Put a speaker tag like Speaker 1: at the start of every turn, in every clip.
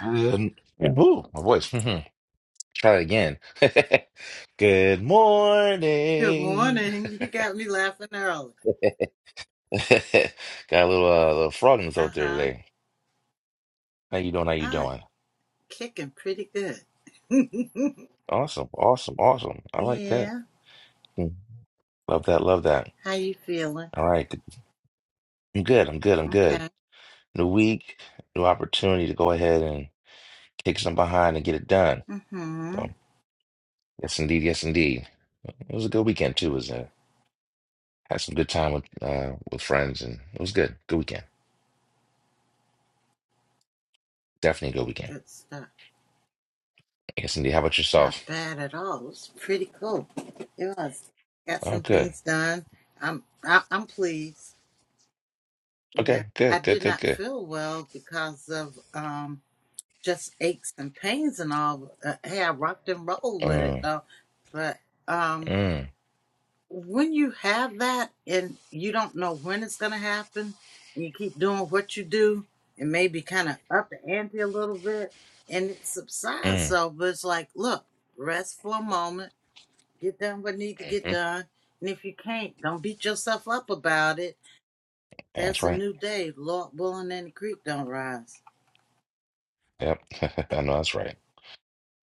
Speaker 1: Good. Yeah. Ooh, my voice. Mhm. Try again. Good
Speaker 2: Good
Speaker 1: morning.
Speaker 2: morning. You got me laughing early.
Speaker 1: Got a little uh, little frog in his
Speaker 2: Uh
Speaker 1: throat there
Speaker 2: huh.
Speaker 1: today. How you doing? How you
Speaker 2: I'm
Speaker 1: doing?
Speaker 2: kicking pretty good.
Speaker 1: Awesome, awesome, awesome. I like that.
Speaker 2: yeah.
Speaker 1: Mm. Love that. Love that.
Speaker 2: How you feeling?
Speaker 1: All right. I'm good. I'm good. I'm good.
Speaker 2: Okay.
Speaker 1: New week, new opportunity to go ahead and kick some behind and get it done.
Speaker 2: Mm hmm.
Speaker 1: So yes, indeed. Yes, indeed. It was a good weekend too. It was uh, had some good time with uh, with friends and it was good. Good weekend. Definitely a good weekend.
Speaker 2: Good stuff.
Speaker 1: I guess Cindy, how about
Speaker 2: Not
Speaker 1: yourself?
Speaker 2: bad at all. It was pretty cool. It was. Got
Speaker 1: Oh,
Speaker 2: some
Speaker 1: good.
Speaker 2: things done. I'm I, I'm pleased. Yeah.
Speaker 1: Okay,
Speaker 2: I
Speaker 1: good, good,
Speaker 2: did
Speaker 1: good,
Speaker 2: not
Speaker 1: good.
Speaker 2: feel well because of um just aches and pains and all. Uh, hey, I rocked and rolled with it
Speaker 1: Mm,
Speaker 2: though, but. um.
Speaker 1: mm,
Speaker 2: when you have that and you don't know when it's going to happen and you keep doing what you do and maybe kind of up the ante a little bit and it subsides
Speaker 1: mm,
Speaker 2: so but it's like look rest for a moment get done what need to get
Speaker 1: hmm
Speaker 2: done and if you can't don't beat yourself up about it
Speaker 1: That's
Speaker 2: there's a
Speaker 1: right.
Speaker 2: new day lord willing and the creek don't rise
Speaker 1: Yep. I know that's right.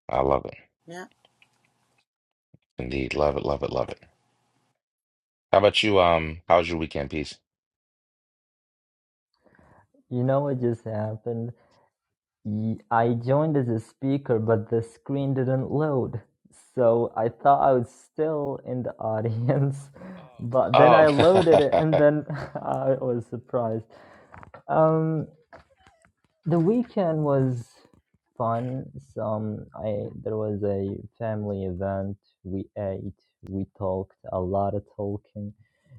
Speaker 1: I love it.
Speaker 2: yeah
Speaker 1: Indeed. Love it, love it, love it. How about you? Um, how was your weekend, peace?
Speaker 3: You know what just happened? I joined as a speaker, but the screen didn't load. So I thought I was still in the audience, Oh, but then I
Speaker 1: Oh,
Speaker 3: loaded it and then I was surprised. Um, the weekend was fun. Some I there was a family event. We ate, we talked a lot of talking.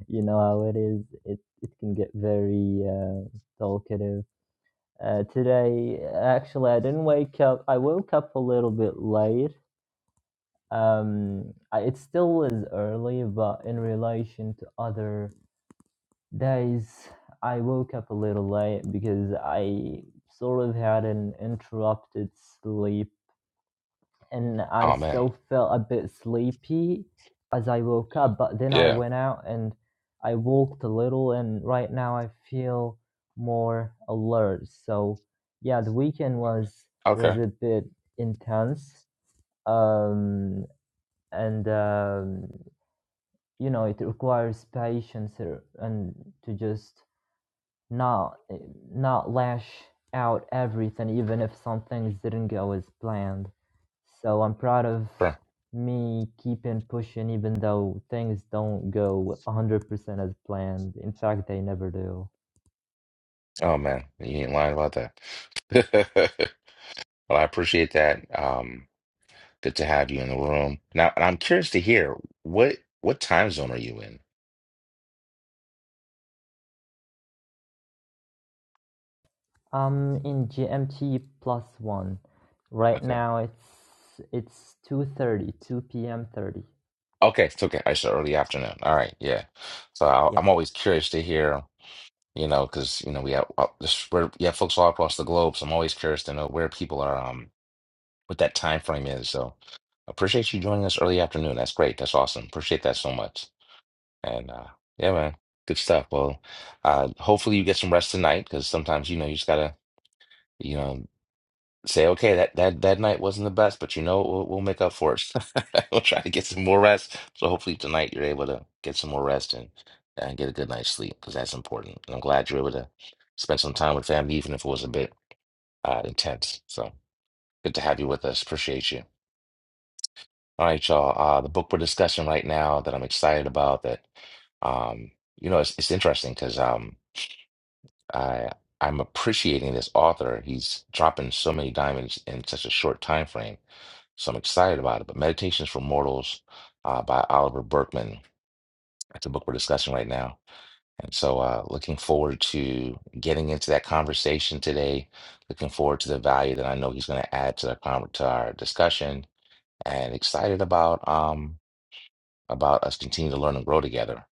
Speaker 3: You know how it is. It it can get very uh, talkative uh, today, actually, I didn't wake up. I woke up a little bit late. Um, I, it still is early, but in relation to other days, I woke up a little late because I sort of had an interrupted sleep and I
Speaker 1: oh man.
Speaker 3: still felt a bit sleepy as I woke up, but then I
Speaker 1: Yeah.
Speaker 3: went out and I walked a little, and right now I feel more alert. So yeah, the weekend was was
Speaker 1: Okay.
Speaker 3: a bit intense, um, and um, you know it requires patience uh, and to just not not lash out everything even if some things didn't go as planned so i'm proud of
Speaker 1: Sure.
Speaker 3: me keeping pushing even though things don't go 100% as planned in fact they never do
Speaker 1: Oh man, you ain't lying about that. Well, I appreciate that. Um, good to have you in the room. Now, and I'm curious to hear what what time zone are you in?
Speaker 3: i'm in gmt plus one right
Speaker 1: Okay.
Speaker 3: now it's it's two thirty, two p.m 30
Speaker 1: Okay, it's okay. I said early afternoon. All right, yeah. So I,
Speaker 3: yeah
Speaker 1: I'm always curious to hear, you know, because you know we have uh, this, we're, you have folks all across the globe, so I'm always curious to know where people are, um, what that time frame is. So appreciate you joining us early afternoon. That's great. That's awesome. Appreciate that so much. And uh, yeah, man, good stuff. Well, uh, hopefully you get some rest tonight because sometimes you know you just gotta, you know say, okay, that that that night wasn't the best, but you know, what? we'll, we'll make up for it. We'll try to get some more rest. So hopefully tonight you're able to get some more rest and and get a good night's sleep because that's important. And I'm glad you're able to spend some time with family, even if it was a bit uh, intense. So good to have you with us. Appreciate you. All right, y'all. Uh, the book we're discussing right now that I'm excited about that um, you know, it's it's interesting because um, I I'm appreciating this author. He's dropping so many diamonds in such a short time frame So I'm excited about it. But Meditations for Mortals uh, by Oliver Berkman. That's the book we're discussing right now. And so uh, looking forward to getting into that conversation today. Looking forward to the value that I know he's going to add to, the con- to our discussion and excited about um, about us continuing to learn and grow together.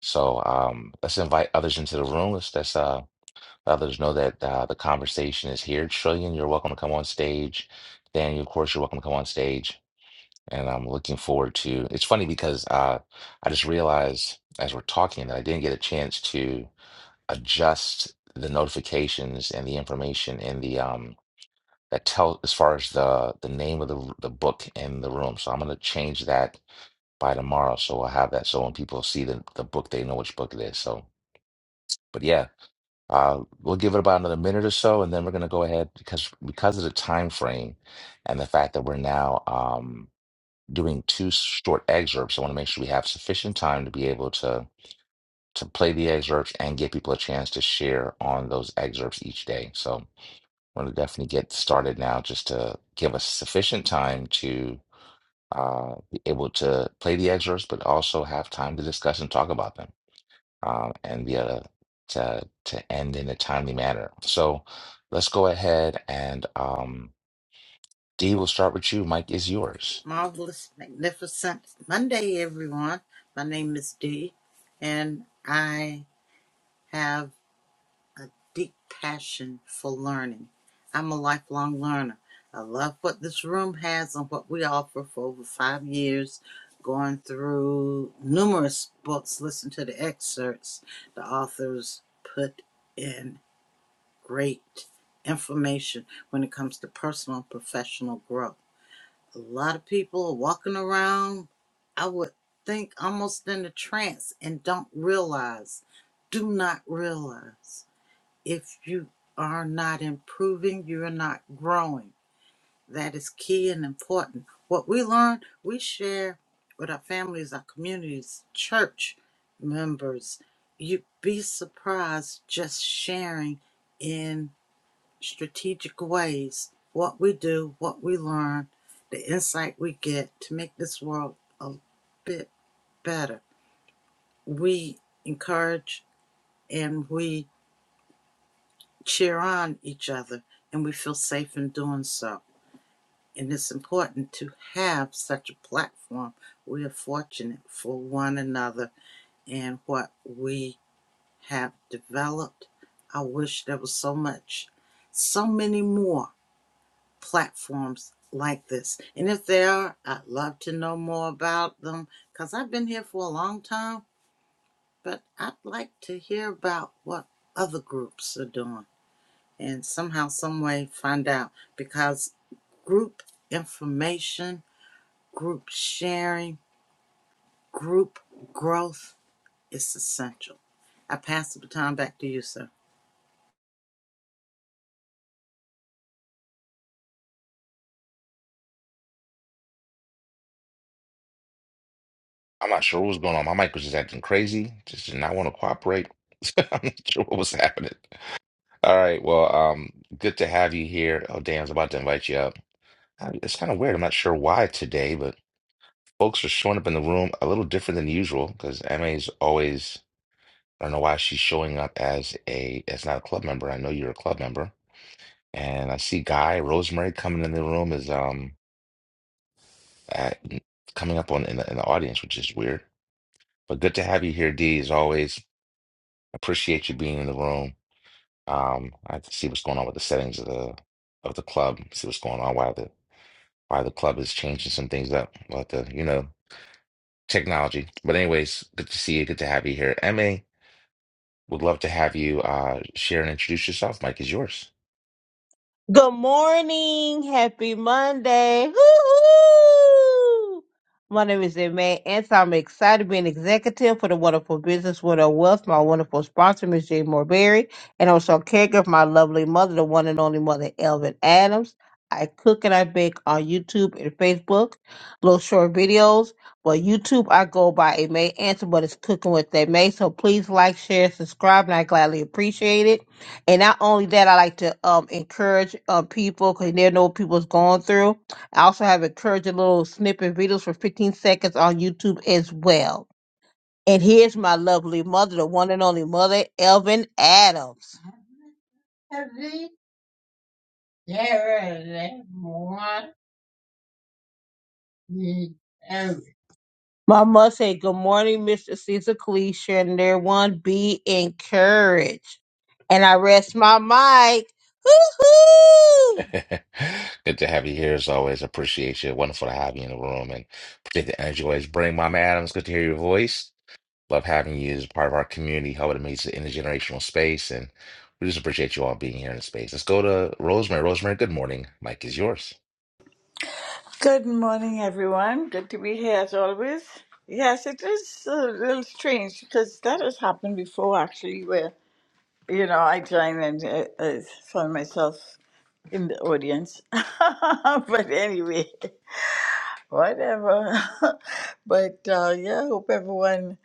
Speaker 1: So um, let's invite others into the room. Let's, let's uh, let others know that uh, the conversation is here. Trillion, you're welcome to come on stage. Daniel, of course, you're welcome to come on stage. and I'm looking forward to. It's funny because uh, I just realized as we're talking that I didn't get a chance to adjust the notifications and the information in the um that tell as far as the the name of the the book in the room. So I'm gonna change that by tomorrow, so I'll have that so when people see the the book, they know which book it is. So, but yeah. Uh, we'll give it about another minute or so, and then we're gonna go ahead because because of the time frame and the fact that we're now um, doing two short excerpts. I want to make sure we have sufficient time to be able to to play the excerpts and give people a chance to share on those excerpts each day. So we're going to definitely get started now just to give us sufficient time to uh, be able to play the excerpts, but also have time to discuss and talk about them um, and be able to, to end in a timely manner. So let's go ahead and um, Dee, we'll start with you. Mike is yours.
Speaker 2: marvelous magnificent monday everyone my name is dee and i have a deep passion for learning. I'm a lifelong learner. I love what this room has and what we offer for over five years, going through numerous books, listen to the excerpts. The authors put in great information when it comes to personal and professional growth. A lot of people are walking around, I would think, almost in a trance and don't realize, do not realize if you are not improving, you're not growing. That is key and important. What we learn, we share with our families, our communities, church members. You'd be surprised just sharing in strategic ways what we do, what we learn, the insight we get to make this world a bit better. We encourage and we cheer on each other and we feel safe in doing so. And it's important to have such a platform. We are fortunate for one another and what we have developed. I wish there was so much, so many more platforms like this. And if there are, I'd love to know more about them because I've been here for a long time, but I'd like to hear about what other groups are doing. and somehow, some way, find out because group information, group sharing, group growth is essential. I pass the baton back to you, sir.
Speaker 1: I'm not sure what was going on. My mic was just acting crazy. Just did not want to cooperate. I'm not sure what was happening. All right. Well, um, good to have you here. Oh, damn, I was about to invite you up. Uh, It's kind of weird. I'm not sure why today, but folks are showing up in the room a little different than usual because MA's always, I don't know why she's showing up as a as not a club member. I know you're a club member. And I see Guy Rosemary coming in the room is um at, coming up on in the, in the audience, which is weird. But good to have you here, D, as always. Appreciate you being in the room. Um, I have to see what's going on with the settings of the of the club. See what's going on. Why the why the club is changing some things up. But the you know technology. But anyways, good to see you. Good to have you here. Ma would love to have you uh, share and introduce yourself. Mike is yours.
Speaker 4: Good morning. Happy Monday. Woo-hoo! My name is Emma, and I'm excited to be an executive for the wonderful business with a wealth, my wonderful sponsor, Ms. Jane Morberry, and also caregiver of my lovely mother, the one and only mother, Elvin Adams. I cook and I bake on YouTube and Facebook, little short videos. But YouTube, I go by A May Answer, but it's cooking with A May. So please like, share, subscribe, and I gladly appreciate it. And not only that, I like to um, encourage uh, people because they know what people's going through. I also have encouraging little snippet videos for 15 seconds on YouTube as well. And here's my lovely mother, the one and only mother, Elvin Adams. My mother said, Good morning, Mr. Caesar Cleese, and everyone be encouraged. And I rest my mic. Hoo hoo!
Speaker 1: good to have you here as always. Appreciate you. Wonderful to have you in the room and appreciate the energy. Always bring Mama Adams. Good to hear your voice. Love having you as part of our community, helping to make this an intergenerational space. And we just appreciate you all being here in the space. Let's go to Rosemary. Rosemary, good morning. Mike is yours.
Speaker 5: Good morning, everyone. Good to be here as always. Yes, it is a little strange because that has happened before, actually, where you know I joined and I, I found myself in the audience. but anyway, whatever. but uh, yeah, hope everyone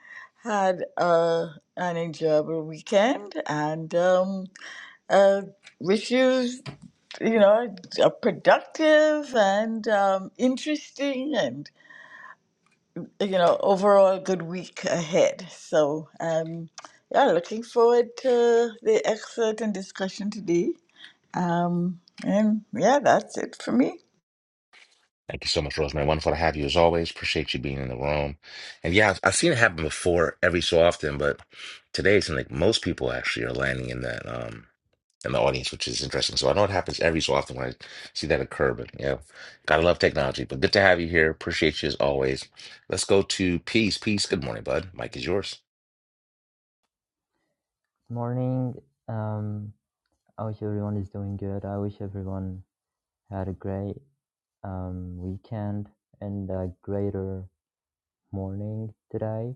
Speaker 5: had uh, an enjoyable weekend and um, uh, wish you, you know, a productive and um, interesting and you know, overall good week ahead. So, um, yeah, looking forward to the excerpt and discussion today. Um, and yeah, that's it for me.
Speaker 1: Thank you so much, Rosemary. Wonderful to have you as always. Appreciate you being in the room. And yeah, I've, I've seen it happen before every so often, but today it seems like most people actually are landing in that um in the audience, which is interesting. So I know it happens every so often when I see that occur, but yeah, gotta love technology. But good to have you here. Appreciate you as always. Let's go to Peace. Peace, good morning, bud. Mike is yours.
Speaker 3: morning um i wish everyone is doing good i wish everyone had a great um, weekend and a greater morning today.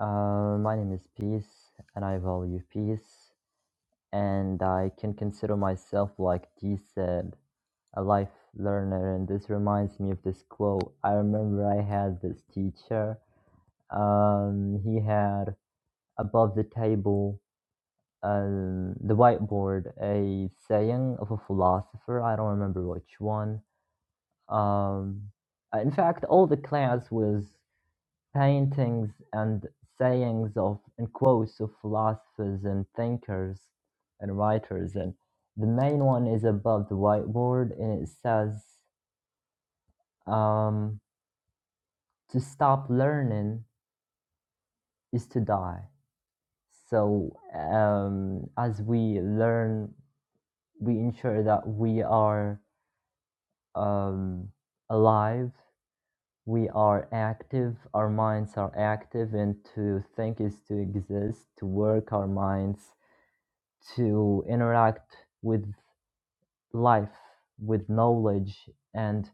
Speaker 3: Uh, my name is Peace, and I value peace, and I can consider myself, like G said, a life learner. And this reminds me of this quote. I remember I had this teacher. Um, he had above the table, um, the whiteboard, a saying of a philosopher. I don't remember which one. Um, uh, in fact, all the class was paintings and sayings of and quotes of philosophers and thinkers and writers and the main one is above the whiteboard and it says um, to stop learning is to die so um, as we learn we ensure that we are um, alive we are active our minds are active and to think is to exist to work our minds to interact with life, with knowledge, and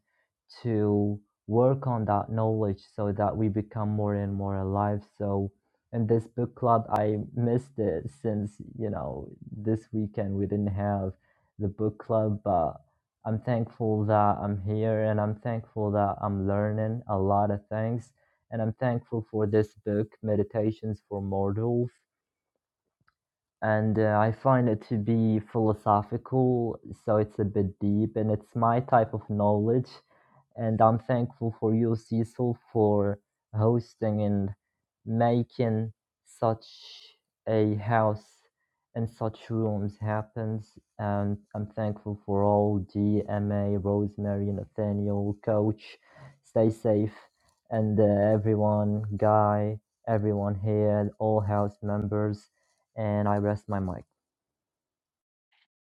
Speaker 3: to work on that knowledge so that we become more and more alive. So, in this book club, I missed it since, you know, this weekend we didn't have the book club, but I'm thankful that I'm here and I'm thankful that I'm learning a lot of things. And I'm thankful for this book, Meditations for Mortals and uh, I find it to be philosophical, so it's a bit deep, and it's my type of knowledge. And I'm thankful for you, Cecil, for hosting and making such a house and such rooms happens. And I'm thankful for all GMA, Rosemary, Nathaniel, Coach. Stay safe, and uh, everyone, Guy, everyone here, all house members and I rest my mic.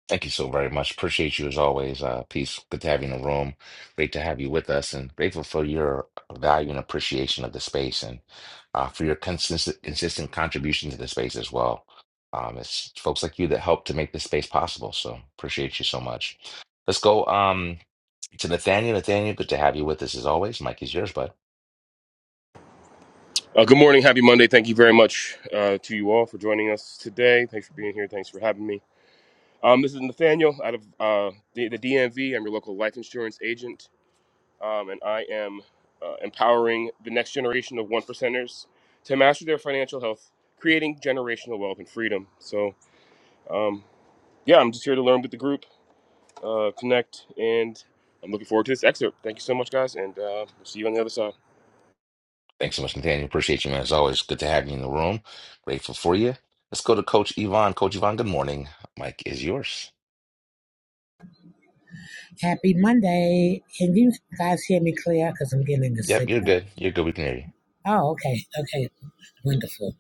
Speaker 1: Thank you so very much. Appreciate you as always. Uh, peace. Good to have you in the room. Great to have you with us, and grateful for your value and appreciation of the space, and uh, for your consistent, consistent contribution to the space as well. Um, it's folks like you that help to make this space possible. So appreciate you so much. Let's go um, to Nathaniel. Nathaniel, good to have you with us as always. Mike is yours, bud.
Speaker 6: Uh, good morning. Happy Monday. Thank you very much uh, to you all for joining us today. Thanks for being here. Thanks for having me. Um, this is Nathaniel out of uh, the, the DMV. I'm your local life insurance agent, um, and I am uh, empowering the next generation of one percenters to master their financial health, creating generational wealth and freedom. So, um, yeah, I'm just here to learn with the group, uh, connect, and I'm looking forward to this excerpt. Thank you so much, guys, and uh, we'll see you on the other side.
Speaker 1: Thanks so much, Nathaniel. Appreciate you, man. As always, good to have you in the room. Grateful for you. Let's go to Coach Yvonne. Coach Yvonne, good morning. Mike is yours.
Speaker 7: Happy Monday. Can you guys hear me clear? Because I'm getting a
Speaker 1: Yep, you're
Speaker 7: signal.
Speaker 1: good. You're good. We can hear you.
Speaker 7: Oh, okay. Okay. Wonderful.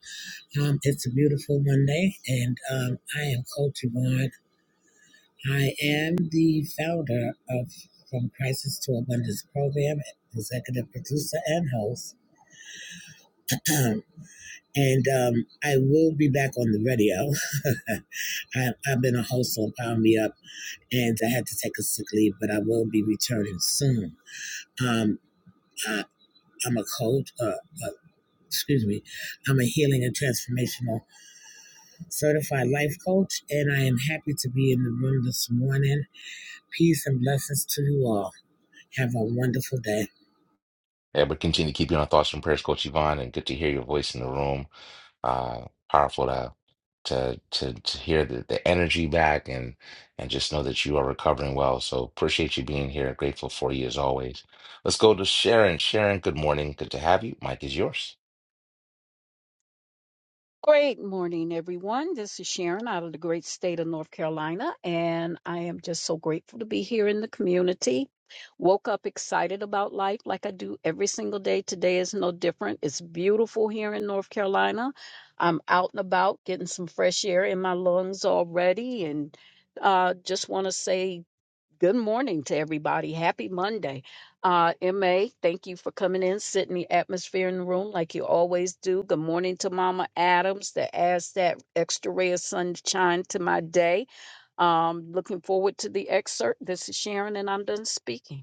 Speaker 7: Um, it's a beautiful Monday, and um, I am Coach Yvonne. I am the founder of From Crisis to Abundance program, executive producer, and host. and um, I will be back on the radio. I, I've been a host on Power Me Up, and I had to take a sick leave, but I will be returning soon. Um, I, I'm a coach. Uh, a excuse me, I'm a healing and transformational certified life coach, and I am happy to be in the room this morning. Peace and blessings to you all. Have a wonderful day.
Speaker 1: Yeah, but continue to keep you on thoughts and prayers, Coach Yvonne, and good to hear your voice in the room. Uh, powerful to to to to hear the, the energy back and and just know that you are recovering well. So appreciate you being here. Grateful for you as always. Let's go to Sharon. Sharon, good morning. Good to have you. Mike is yours.
Speaker 8: Great morning, everyone. This is Sharon out of the great state of North Carolina, and I am just so grateful to be here in the community. Woke up excited about life like I do every single day. Today is no different. It's beautiful here in North Carolina. I'm out and about getting some fresh air in my lungs already, and uh, just want to say Good morning to everybody. Happy Monday. Uh, MA, thank you for coming in, setting the atmosphere in the room like you always do. Good morning to Mama Adams that adds that extra ray of sunshine to my day. Um, looking forward to the excerpt. This is Sharon, and I'm done speaking.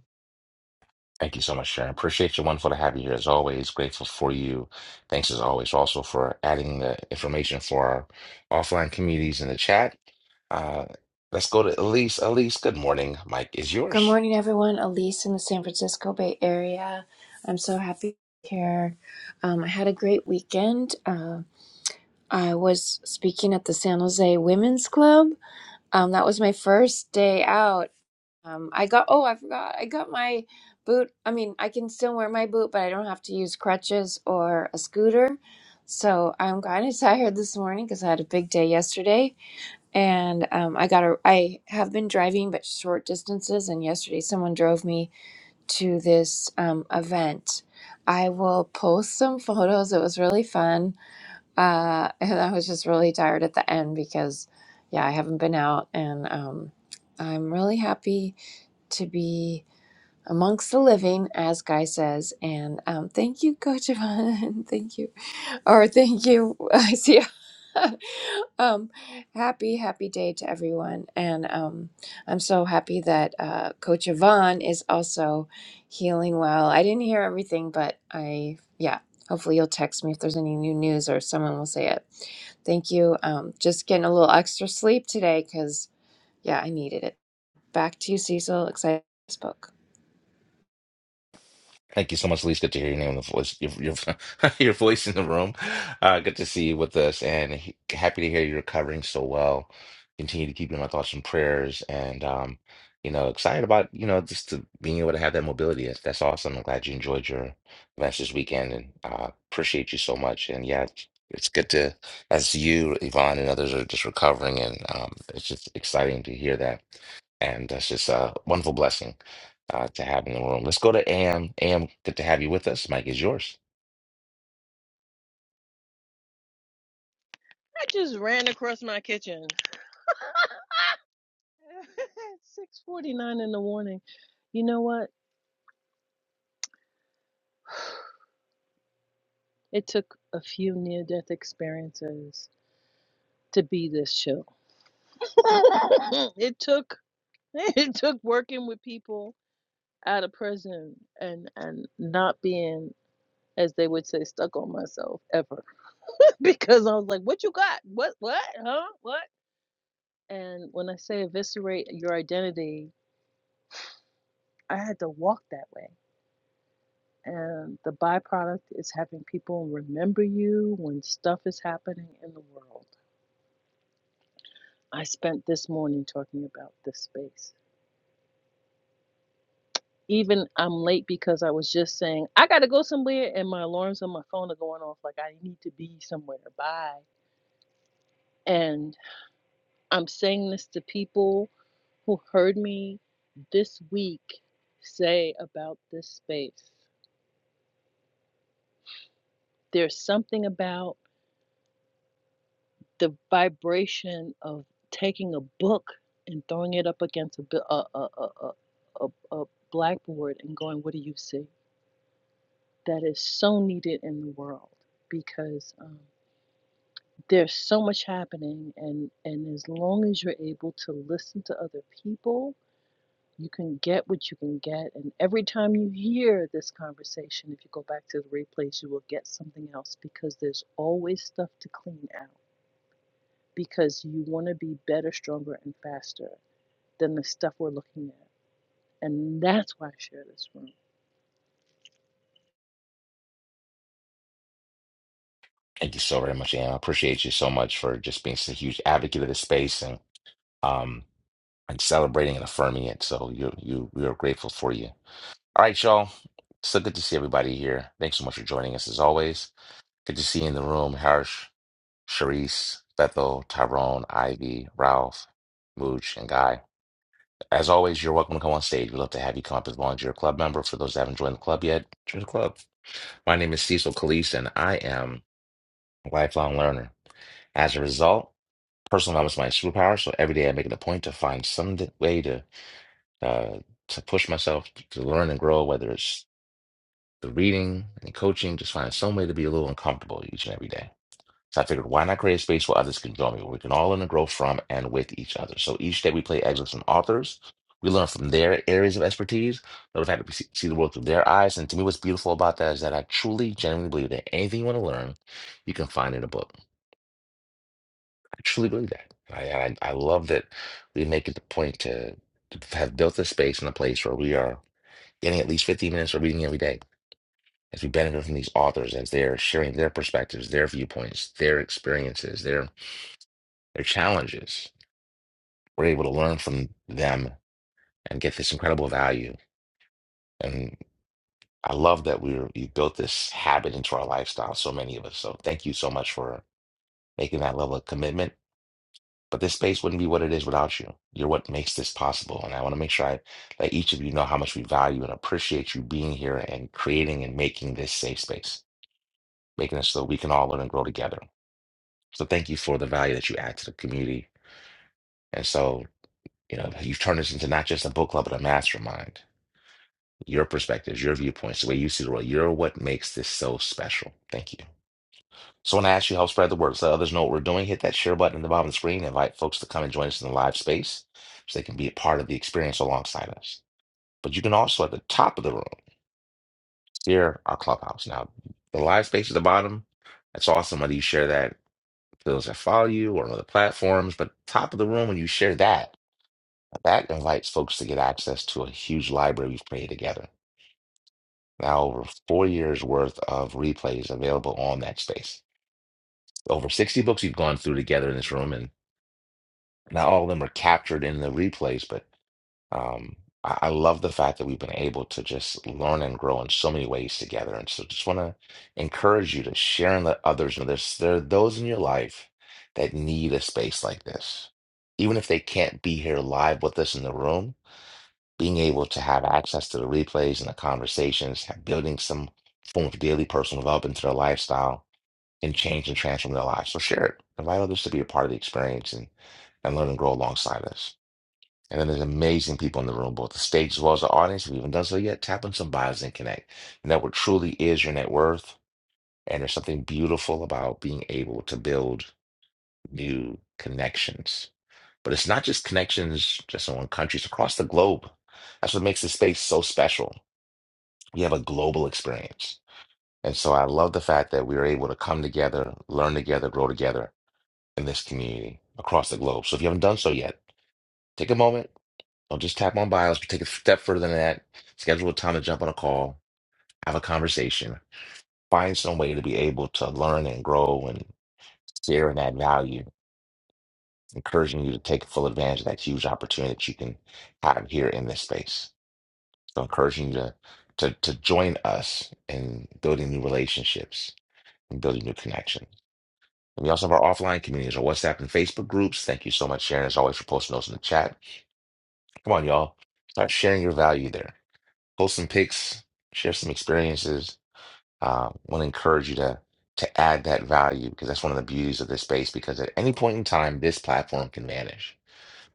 Speaker 1: Thank you so much, Sharon. Appreciate you. Wonderful to have you here as always. Grateful for you. Thanks as always also for adding the information for our offline communities in the chat. Uh, let's go to Elise. Elise, good morning. Mike is
Speaker 9: Good
Speaker 1: yours.
Speaker 9: morning, everyone. Elise in the San Francisco Bay Area. I'm so happy to be here. Um, I had a great weekend. Uh, I was speaking at the San Jose Women's Club. Um, that was my first day out. Um, I got, oh, I forgot. I got my boot. I mean, I can still wear my boot, but I don't have to use crutches or a scooter. So I'm kind of tired this morning because I had a big day yesterday and um, I got a. I have been driving, but short distances. And yesterday, someone drove me to this um, event. I will post some photos. It was really fun. Uh, and I was just really tired at the end because, yeah, I haven't been out. And um, I'm really happy to be amongst the living, as Guy says. And um, thank you, Coach Yvonne. thank you Oh, thank you. I see. um, happy, happy day to everyone. And um, I'm so happy that uh, Coach Yvonne is also healing well. I didn't hear everything, but I, yeah, hopefully you'll text me if there's any new news or someone will say it. Thank you. Um, just getting a little extra sleep today because, yeah, I needed it. Back to you, Cecil. Excited to spoke.
Speaker 1: Thank you so much, Elise. Good to hear your name in the voice, your your, your voice in the room. Uh, good to see you with us, and he- happy to hear you're recovering so well. Continue to keep you in my thoughts and prayers, and um, you know, excited about you know just to being able to have that mobility. That's, that's awesome. I'm glad you enjoyed your events this weekend, and uh, appreciate you so much. And yeah, it's it's good to as you, Yvonne, and others are just recovering, and um, it's just exciting to hear that, and that's just a wonderful blessing uh, to have in the room. Let's go to Am. Am, good to have you with us. Mike is yours.
Speaker 10: I just ran across my kitchen. 6:49 in the morning. You know what? It took a few near-death experiences to be this chill. it took it took working with people out of prison and and not being as they would say stuck on myself ever because I was like, "What you got? What what? Huh? What?" And when I say eviscerate your identity, I had to walk that way. And the byproduct is having people remember you when stuff is happening in the world. I spent this morning talking about this space. Even I'm late because I was just saying, I got to go somewhere, and my alarms on my phone are going off like I need to be somewhere. Bye. And I'm saying this to people who heard me this week say about this space. There's something about the vibration of taking a book and throwing it up against a a a a, a, a a blackboard and going, "What do you see?" That is so needed in the world because um, there's so much happening, and and as long as you're able to listen to other people, you can get what you can get. And every time you hear this conversation, if you go back to the replays, you will get something else because there's always stuff to clean out because you want to be better, stronger, and faster than the stuff we're looking at. And that's why I share this room.
Speaker 1: Thank you so very much, Am. I appreciate you so much for just being such a huge advocate of this space and um and celebrating and affirming it. So you you we are grateful for you. All right, y'all. So good to see everybody here. Thanks so much for joining us as always. Good to see you in the room, Harsh, Sharice, Bethel, Tyrone, Ivy, Ralph, Mooch, and Guy. As always, you're welcome to come on stage. We'd love to have you come up as long as you're a club member. For those that haven't joined the club yet, join the club. My name is Cecil Calise, and I am a lifelong learner. As a result, personal development is my superpower. So every day I make it a point to find some d- way to uh, to push myself to learn and grow, whether it's the reading and coaching, just find some way to be a little uncomfortable each and every day. So I figured, why not create a space where others can join me, where we can all learn and grow from and with each other. So each day we play excerpts from authors. We learn from their areas of expertise. But if I to see see the world through their eyes, and to me, what's beautiful about that is that I truly, genuinely believe that anything you want to learn, you can find in a book. I truly believe that. I, I, I love that we make it the point to, to have built a space and a place where we are getting at least 15 minutes of reading every day as we benefit from these authors, as they're sharing their perspectives, their viewpoints, their experiences, their their challenges. We're able to learn from them and get this incredible value. And I love that we're you built this habit into our lifestyle, so many of us. So thank you so much for making that level of commitment. But this space wouldn't be what it is without you. You're what makes this possible. And I want to make sure I let each of you know how much we value and appreciate you being here and creating and making this safe space, making it so that we can all learn and grow together. So thank you for the value that you add to the community. And so, you know, you've turned this into not just a book club, but a mastermind your perspectives, your viewpoints, the way you see the world. You're what makes this so special. Thank you. So when I ask you help spread the word, so let others know what we're doing, hit that share button at the bottom of the screen. Invite folks to come and join us in the live space so they can be a part of the experience alongside us. But you can also at the top of the room share our clubhouse. Now the live space at the bottom, that's awesome. Whether you share that to those that follow you or on other platforms, but top of the room when you share that, that invites folks to get access to a huge library we've created together. Now over four years worth of replays available on that space. Over 60 books we've gone through together in this room, and not all of them are captured in the replays, but um, I, I love the fact that we've been able to just learn and grow in so many ways together. And so just want to encourage you to share and let others know there's there are those in your life that need a space like this. Even if they can't be here live with us in the room, being able to have access to the replays and the conversations, building some form of daily personal development to their lifestyle and change and transform their lives. So share it. Invite others to be a part of the experience and, and learn and grow alongside us. And then there's amazing people in the room, both the stage as well as the audience. If you haven't done so yet, tap on some bios and connect. And that what truly is your net worth. And there's something beautiful about being able to build new connections. But it's not just connections just in one country, it's across the globe. That's what makes this space so special we have a global experience. And so I love the fact that we are able to come together, learn together, grow together in this community across the globe. So if you haven't done so yet, take a moment. Don't just tap on bios, but take a step further than that. Schedule a time to jump on a call, have a conversation, find some way to be able to learn and grow and share and add value, encouraging you to take full advantage of that huge opportunity that you can have here in this space. So encouraging you to to, to join us in building new relationships and building new connections. And we also have our offline communities, our WhatsApp and Facebook groups. Thank you so much, Sharon, as always, for posting those in the chat. Come on, y'all. Start sharing your value there. Post some pics, share some experiences. Uh, want to encourage you to to add that value because that's one of the beauties of this space. Because at any point in time, this platform can vanish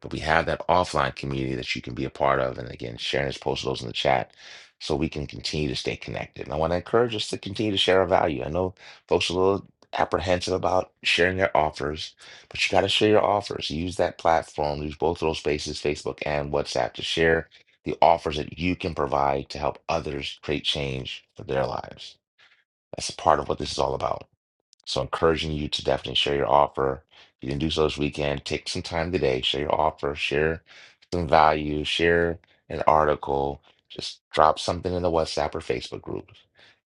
Speaker 1: but we have that offline community that you can be a part of. And again, Sharon has posted those in the chat so we can continue to stay connected. And I want to encourage us to continue to share our value. I know folks are a little apprehensive about sharing their offers, but you got to share your offers. Use that platform, use both of those spaces, Facebook and WhatsApp, to share the offers that you can provide to help others create change for their lives. That's a part of what this is all about. So encouraging you to definitely share your offer. If you didn't do so this weekend, take some time today, share your offer, share some value, share an article, just drop something in the WhatsApp or Facebook group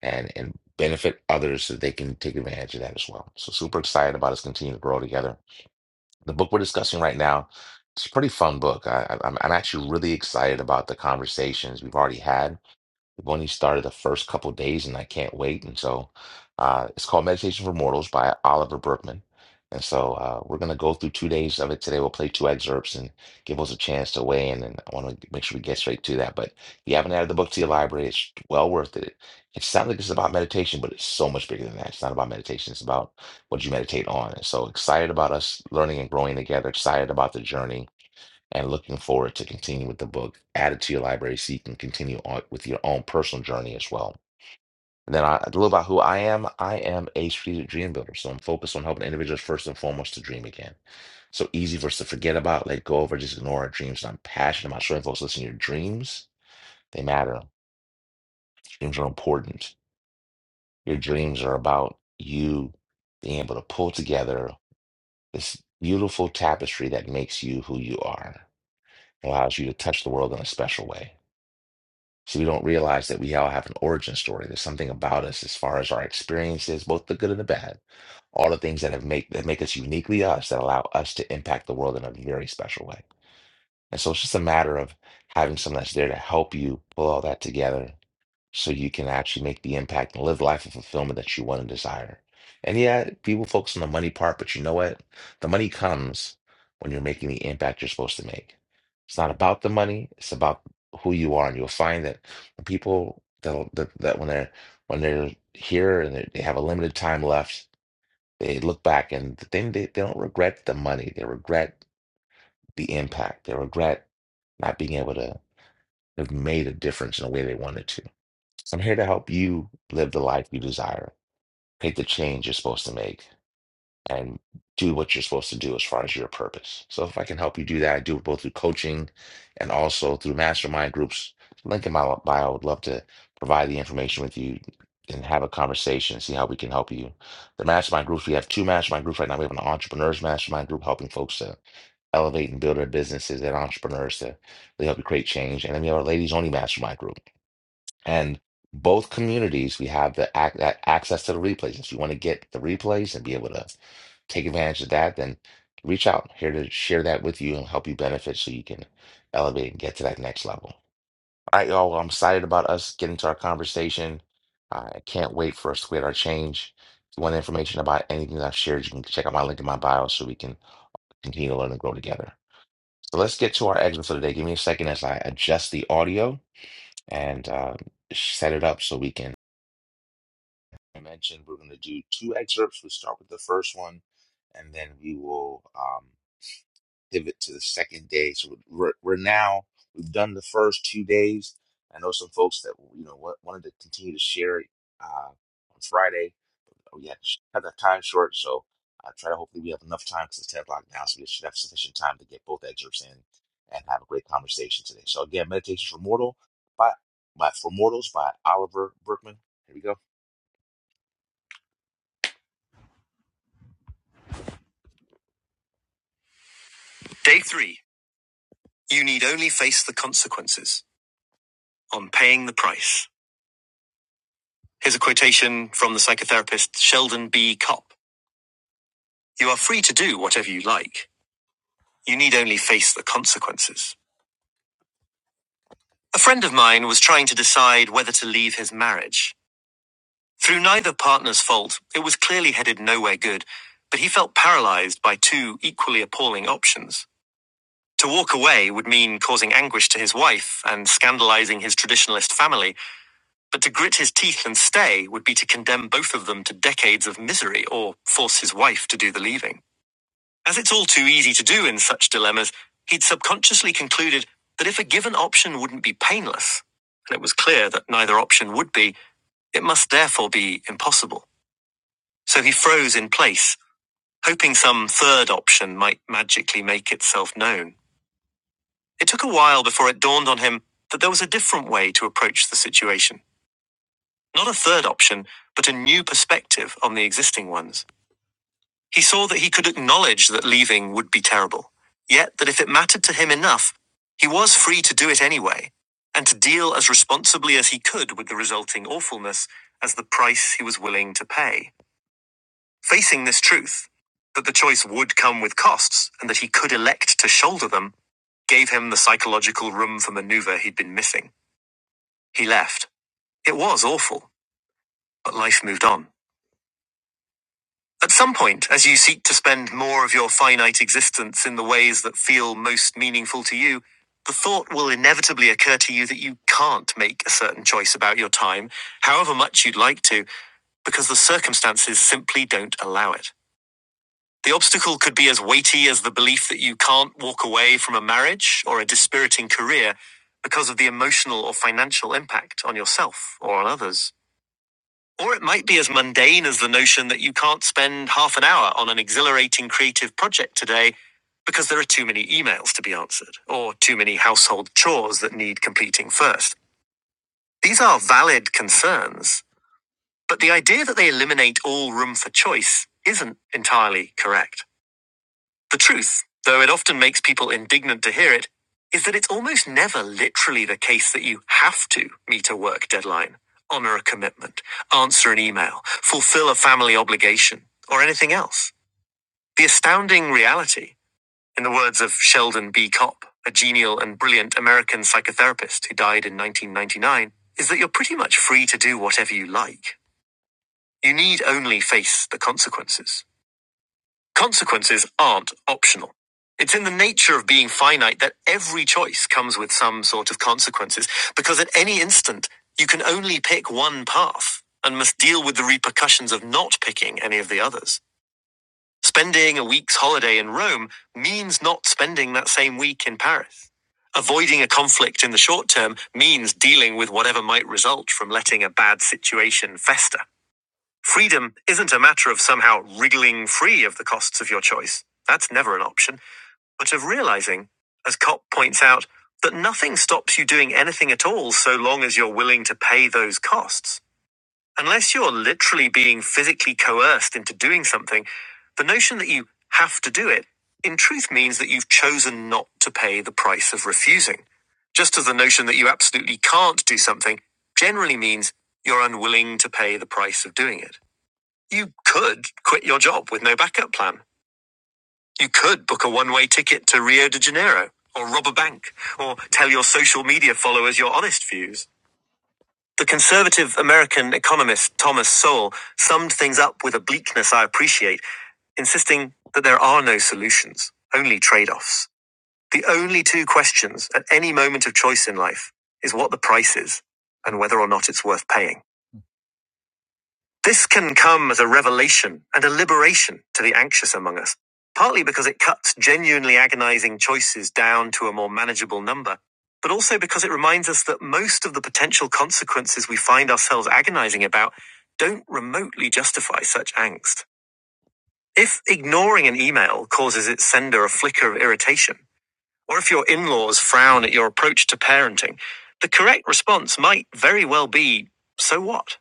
Speaker 1: and and benefit others so they can take advantage of that as well. So super excited about us continuing to grow together. The book we're discussing right now, it's a pretty fun book. I, I- I'm, I'm actually really excited about the conversations we've already had when he started the first couple days, and I can't wait. And so uh, it's called Meditation for Mortals by Oliver Berkman. And so uh, we're going to go through two days of it today. We'll play two excerpts and give us a chance to weigh in. And I want to make sure we get straight to that. But if you haven't added the book to your library, it's well worth it. It sounds like it's about meditation, but it's so much bigger than that. It's not about meditation, it's about what you meditate on. And so excited about us learning and growing together, excited about the journey and looking forward to continue with the book. Add it to your library so you can continue on with your own personal journey as well. And then I, a little about who I am. I am a strategic dream builder. So I'm focused on helping individuals first and foremost to dream again. So easy for us to forget about, let go of, or just ignore our dreams. And I'm passionate about showing folks, listen, your dreams, they matter. Dreams are important. Your dreams are about you being able to pull together this beautiful tapestry that makes you who you are, allows you to touch the world in a special way. So we don't realize that we all have an origin story. There's something about us as far as our experiences, both the good and the bad, all the things that have make that make us uniquely us that allow us to impact the world in a very special way. And so it's just a matter of having someone that's there to help you pull all that together so you can actually make the impact and live the life of fulfillment that you want and desire. And yeah, people focus on the money part, but you know what? The money comes when you're making the impact you're supposed to make. It's not about the money, it's about who you are. And you'll find that when people that that, that when they're when they're here and they they have a limited time left, they look back and then they, they don't regret the money. They regret the impact. They regret not being able to have made a difference in a way they wanted to. So I'm here to help you live the life you desire, make the change you're supposed to make, and do what you're supposed to do as far as your purpose. So if I can help you do that, I do it both through coaching and also through mastermind groups. Link in my bio. I would love to provide the information with you and have a conversation, see how we can help you. The mastermind groups, we have two mastermind groups right now. We have an entrepreneurs mastermind group helping folks to elevate and build their businesses and entrepreneurs to really help you create change. And then we have our ladies only mastermind group and both communities, we have the ac that access to the replays. If you want to get the replays and be able to take advantage of that, then reach out here to share that with you and help you benefit so you can elevate and get to that next level. All right, y'all. Well, I'm excited about us getting to our conversation. I can't wait for us to get our change. If you want information about anything that I've shared, you can check out my link in my bio so we can continue to learn and grow together. So let's get to our exit for the day. Give me a second as I adjust the audio and uh, set it up so we can. I mentioned, we're going to do two excerpts. We'll start with the first one, and then we will um, pivot to the second day. So we're, we're now we've done the first two days. I know some folks that you know wa- wanted to continue to share it uh, on Friday. We had to cut that time short, so I try to hopefully we have enough time because it's ten o'clock now, so we should have sufficient time to get both excerpts in and have a great conversation today. So again, Meditations for Mortal by, by for Mortals by Oliver Berkman. Here we go. Day three. You need only face the consequences on paying the price. Here's a quotation from the psychotherapist Sheldon B. Kopp. You are free to do whatever you like. You need only face the consequences. A friend of mine was trying to decide whether to leave his marriage. Through neither partner's fault, it was clearly headed nowhere good, but he felt paralyzed by two equally appalling options. To walk away would mean causing anguish to his wife and scandalizing his traditionalist family, But to grit his teeth and stay would be to condemn both of them to decades of misery or force his wife to do the leaving. As it's all too easy to do in such dilemmas, he'd subconsciously concluded that if a given option wouldn't be painless, and it was clear that neither option would be, it must therefore be impossible. So he froze in place, hoping some third option might magically make itself known. It took a while before it dawned on him that there was a different way to approach the situation. Not a third option, but a new perspective on the existing ones. He saw that he could acknowledge that leaving would be terrible, yet that if it mattered to him enough, he was free to do it anyway, and to deal as responsibly as he could with the resulting awfulness as the price he was willing to pay. Facing this truth, that the choice would come with costs and that he could elect to shoulder them, gave him the psychological room for maneuver he'd been missing. He left. It was awful, but life moved on. At some point, as you seek to spend more of your finite existence in the ways that feel most meaningful to you, the thought will inevitably occur to you that you can't make a certain choice about your time, however much you'd like to, because the circumstances simply don't allow it. The obstacle could be as weighty as the belief that you can't walk away from a marriage or a dispiriting career because of the emotional or financial impact on yourself or on others. Or it might be as mundane as the notion that you can't spend half an hour on an exhilarating creative project today because there are too many emails to be answered or too many household chores that need completing first. These are valid concerns, but the idea that they eliminate all room for choice isn't entirely correct. The truth, though it often makes people indignant to hear it, is that it's almost never literally the case that you have to meet a work deadline, honor a commitment, answer an email, fulfill a family obligation, or anything else. The astounding reality, in the words of Sheldon B. Kopp, a genial and brilliant American psychotherapist who died in 1999, is that you're pretty much free to do whatever you like. You need only face the consequences. Consequences aren't optional. It's in the nature of being finite that every choice comes with some sort of consequences, because at any instant, you can only pick one path and must deal with the repercussions of not picking any of the others. Spending a week's holiday in Rome means not spending that same week in Paris. Avoiding a conflict in the short term means dealing with whatever might result from letting a bad situation fester. Freedom isn't a matter of somehow wriggling free of the costs of your choice. That's never an option, but of realizing, as Kopp points out, that nothing stops you doing anything at all so long as you're willing to pay those costs. Unless you're literally being physically coerced into doing something, the notion that you have to do it in truth means that you've chosen not to pay the price of refusing. Just as the notion that you absolutely can't do something generally means you're unwilling to pay the price of doing it. You could quit your job with no backup plan. You could book a one way ticket to Rio de Janeiro, or rob a bank, or tell your social media followers your honest views. The conservative American economist Thomas Sowell summed things up with a bleakness I appreciate, insisting that there are no solutions, only trade offs. The only two questions at any moment of choice in life is what the price is and whether or not it's worth paying. This can come as a revelation and a liberation to the anxious among us, partly because it cuts genuinely agonizing choices down to a more manageable number, but also because it reminds us that most of the potential consequences we find ourselves agonizing about don't remotely justify such angst. If ignoring an email causes its sender a flicker of irritation, or if your in laws frown at your approach to parenting, the correct response might very well be so what?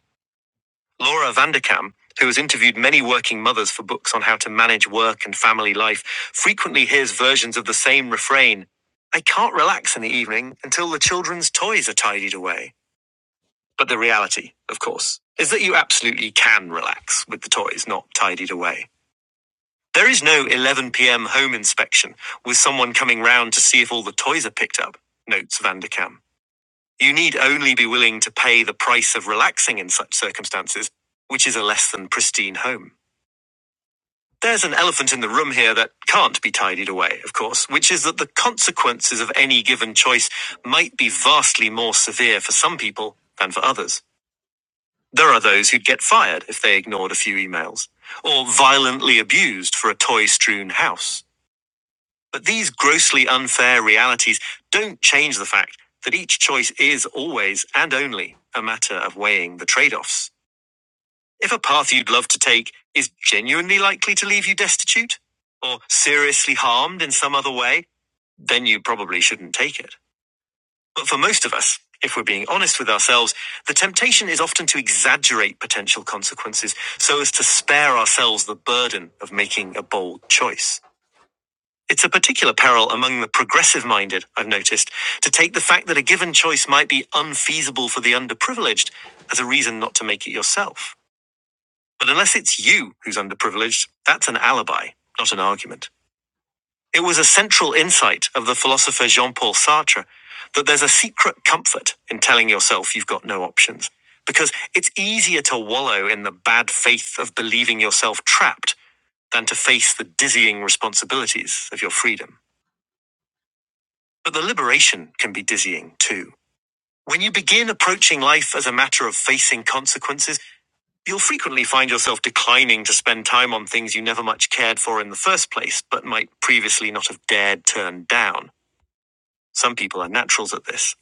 Speaker 1: Laura Vanderkam, who has interviewed many working mothers for books on how to manage work and family life, frequently hears versions of the same refrain I can't relax in the evening until the children's toys are tidied away. But the reality, of course, is that you absolutely can relax with the toys not tidied away. There is no 11 pm home inspection with someone coming round to see if all the toys are picked up, notes Vanderkam. You need only be willing to pay the price of relaxing in such circumstances, which is a less than pristine home. There's an elephant in the room here that can't be tidied away, of course, which is that the consequences of any given choice might be vastly more severe for some people than for others. There are those who'd get fired if they ignored a few emails, or violently abused for a toy strewn house. But these grossly unfair realities don't change the fact that each choice is always and only a matter of weighing the trade offs. If a path you'd love to take is genuinely likely to leave you destitute or seriously harmed in some other way, then you probably shouldn't take it. But for most of us, if we're being honest with ourselves, the temptation is often to exaggerate potential consequences so as to spare ourselves the burden of making a bold choice. It's a particular peril among the progressive minded, I've noticed, to take the fact that a given choice might be unfeasible for the underprivileged as a reason not to make it yourself. But unless it's you who's underprivileged, that's an alibi, not an argument. It was a central insight of the philosopher Jean Paul Sartre that there's a secret comfort in telling yourself you've got no options, because it's easier to wallow in the bad faith of believing yourself trapped than to face the dizzying responsibilities of your freedom. But the liberation can be dizzying too. When you begin approaching life as a matter of facing consequences, You'll frequently find yourself declining to spend time on things you never much cared for in the first place, but might previously not have dared turn down. Some people are naturals at this.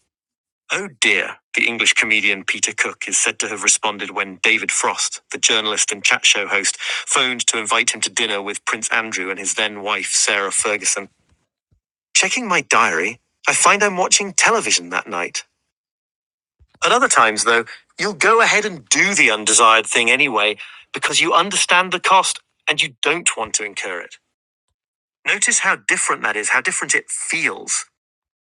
Speaker 1: Oh dear, the English comedian Peter Cook is said to have responded when David Frost, the journalist and chat show host, phoned to invite him to dinner with Prince Andrew and his then wife, Sarah Ferguson. Checking my diary, I find I'm watching television that night. At other times, though, you'll go ahead and do the undesired thing anyway because you understand the cost and you don't want to incur it. Notice how different that is, how different it feels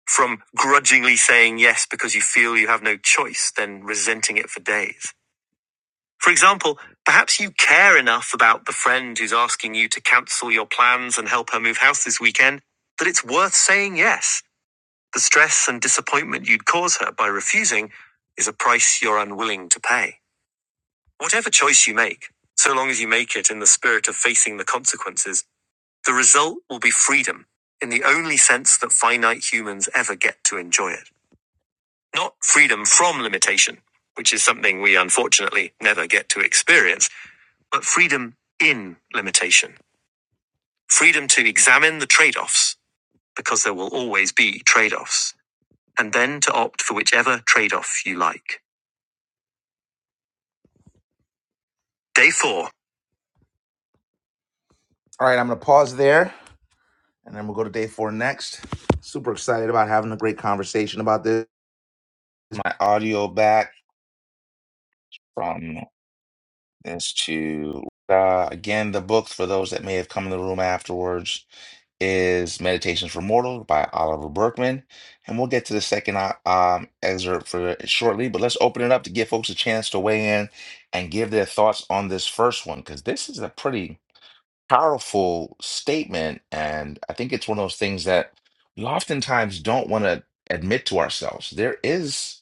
Speaker 1: from grudgingly saying yes because you feel you have no choice, then resenting it for days. For example, perhaps you care enough about the friend who's asking you to cancel your plans and help her move house this weekend that it's worth saying yes. The stress and disappointment you'd cause her by refusing is a price you're unwilling to pay. Whatever choice you make, so long as you make it in the spirit of facing the consequences, the result will be freedom, in the only sense that finite humans ever get to enjoy it. Not freedom from limitation, which is something we unfortunately never get to experience, but freedom in limitation. Freedom to examine the trade offs, because there will always be trade offs, and then to opt for whichever trade off you like. Day four. All right, I'm going to pause there And then we'll go to day four next. Super excited about having a great conversation about this. My audio back from this to uh, again, the book for those that may have come in the room afterwards is Meditations for Mortals by Oliver Berkman. And we'll get to the second uh, um, excerpt for shortly, but let's open it up to give folks a chance to weigh in and give their thoughts on this first one because this is a pretty powerful statement. And I think it's one of those things that we oftentimes don't want to admit to ourselves. There is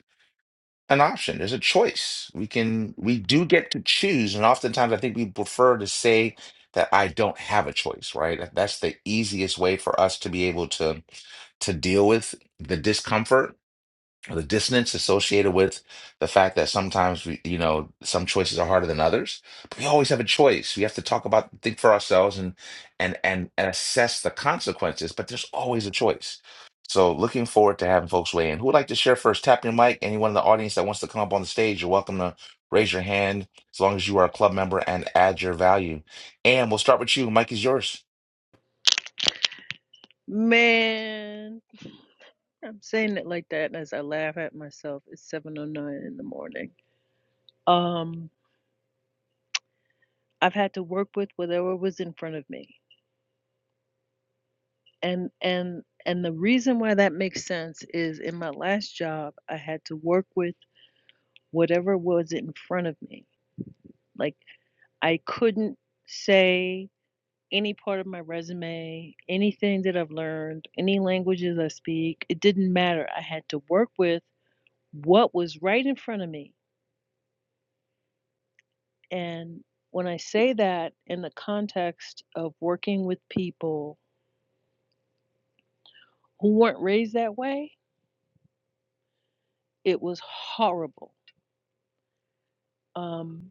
Speaker 1: an option, there's a choice. We can, we do get to choose. And oftentimes I think we prefer to say that I don't have a choice, right? That's the easiest way for us to be able to to deal with the discomfort the dissonance associated with the fact that sometimes we, you know, some choices are harder than others. But we always have a choice. We have to talk about, think for ourselves, and and and and assess the consequences. But there's always a choice. So looking forward to having folks weigh in. Who would like to share first? Tap your mic. Anyone in the audience that wants to come up on the stage, you're welcome to raise your hand as long as you are a club member and add your value. And we'll start with you. Mike is yours.
Speaker 10: Man, I'm saying it like that as I laugh at myself. It's 7:09 in the morning. Um, I've had to work with whatever was in front of me. And and and the reason why that makes sense is in my last job, I had to work with whatever was in front of me. Like I couldn't say any part of my resume, anything that I've learned, any languages I speak. It didn't matter. I had to work with what was right in front of me. And when I say that in the context of working with people who weren't raised that way, it was horrible. Um,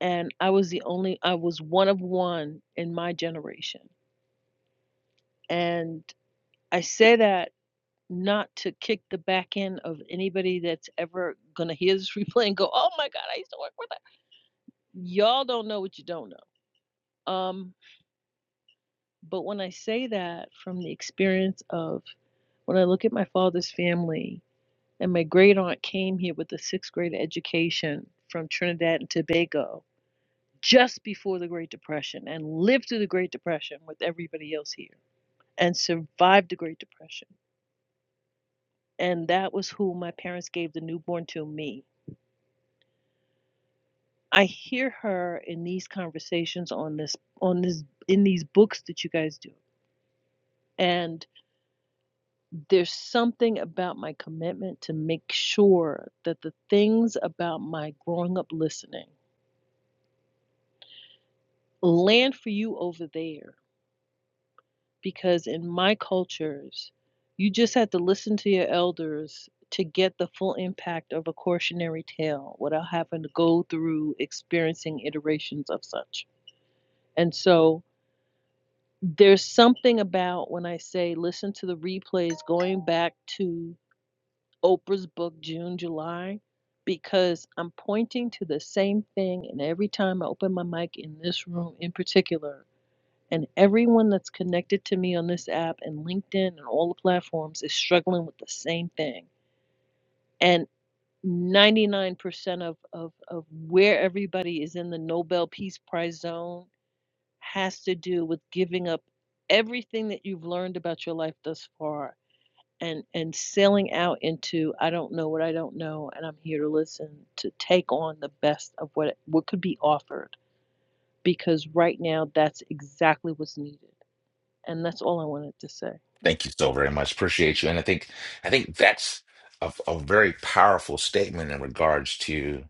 Speaker 10: and I was the only, I was one of one in my generation. And I say that not to kick the back end of anybody that's ever gonna hear this replay and go, "Oh my God, I used to work with that." Y'all don't know what you don't know. Um, but when I say that from the experience of when I look at my father's family and my great aunt came here with a sixth grade education from Trinidad and Tobago just before the Great Depression and lived through the Great Depression with everybody else here and survived the Great Depression. And that was who my parents gave the newborn to me I hear her in these conversations on this on this in these books that you guys do. And there's something about my commitment to make sure that the things about my growing up listening land for you over there because in my cultures you just had to listen to your elders to get the full impact of a cautionary tale without having to go through experiencing iterations of such. And so There's something about when I say listen to the replays going back to Oprah's book, June, July, because I'm pointing to the same thing. And every time I open my mic in this room in particular, and everyone that's connected to me on this app and LinkedIn and all the platforms is struggling with the same thing. And 99% of, of, of where everybody is in the Nobel Peace Prize zone has to do with giving up everything that you've learned about your life thus far and and sailing out into I don't know what I don't know and I'm here to listen to take on the best of what what could be offered because right now that's exactly what's needed and that's all I wanted to say. I
Speaker 1: Thank you so very much. Appreciate you. And I think I think that's a, a very powerful statement in regards to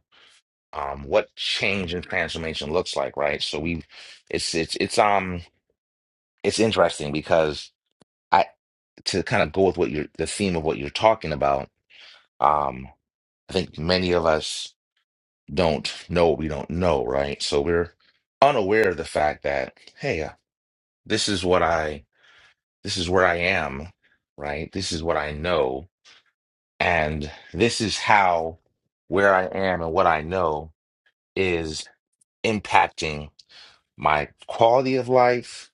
Speaker 1: um, what change and transformation looks like, right? So we, it's it's it's um it's interesting because I to kind of go with what you're the theme of what you're talking about. Um, I think many of us don't know what we don't know, right? So we're unaware of the fact that hey, uh, this is what I this is where I am, right? This is what I know And this is how where I am and what I know is impacting my quality of life,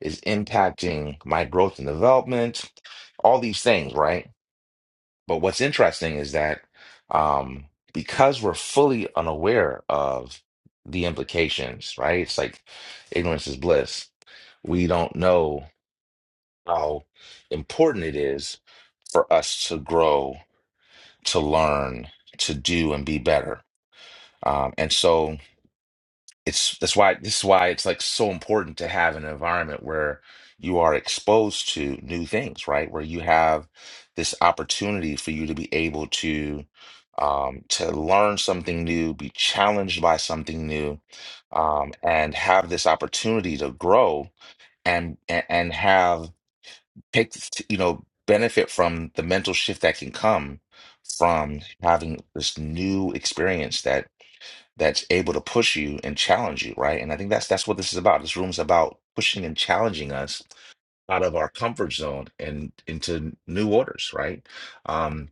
Speaker 1: is impacting my growth and development, all these things, right? But what's interesting is that um, because we're fully unaware of the implications, right? It's like ignorance is bliss. We don't know how important it is for us to grow, to learn, to do, and be better Um, and so it's that's why this is why it's like so important to have an environment where you are exposed to new things, right? Where you have this opportunity for you to be able to um, to learn something new, be challenged by something new, um, and have this opportunity to grow and and and have take you know benefit from the mental shift that can come from having this new experience that that's able to push you and challenge you, right? And I think that's that's what this is about. This room's about pushing and challenging us out of our comfort zone and into new waters, right? Um,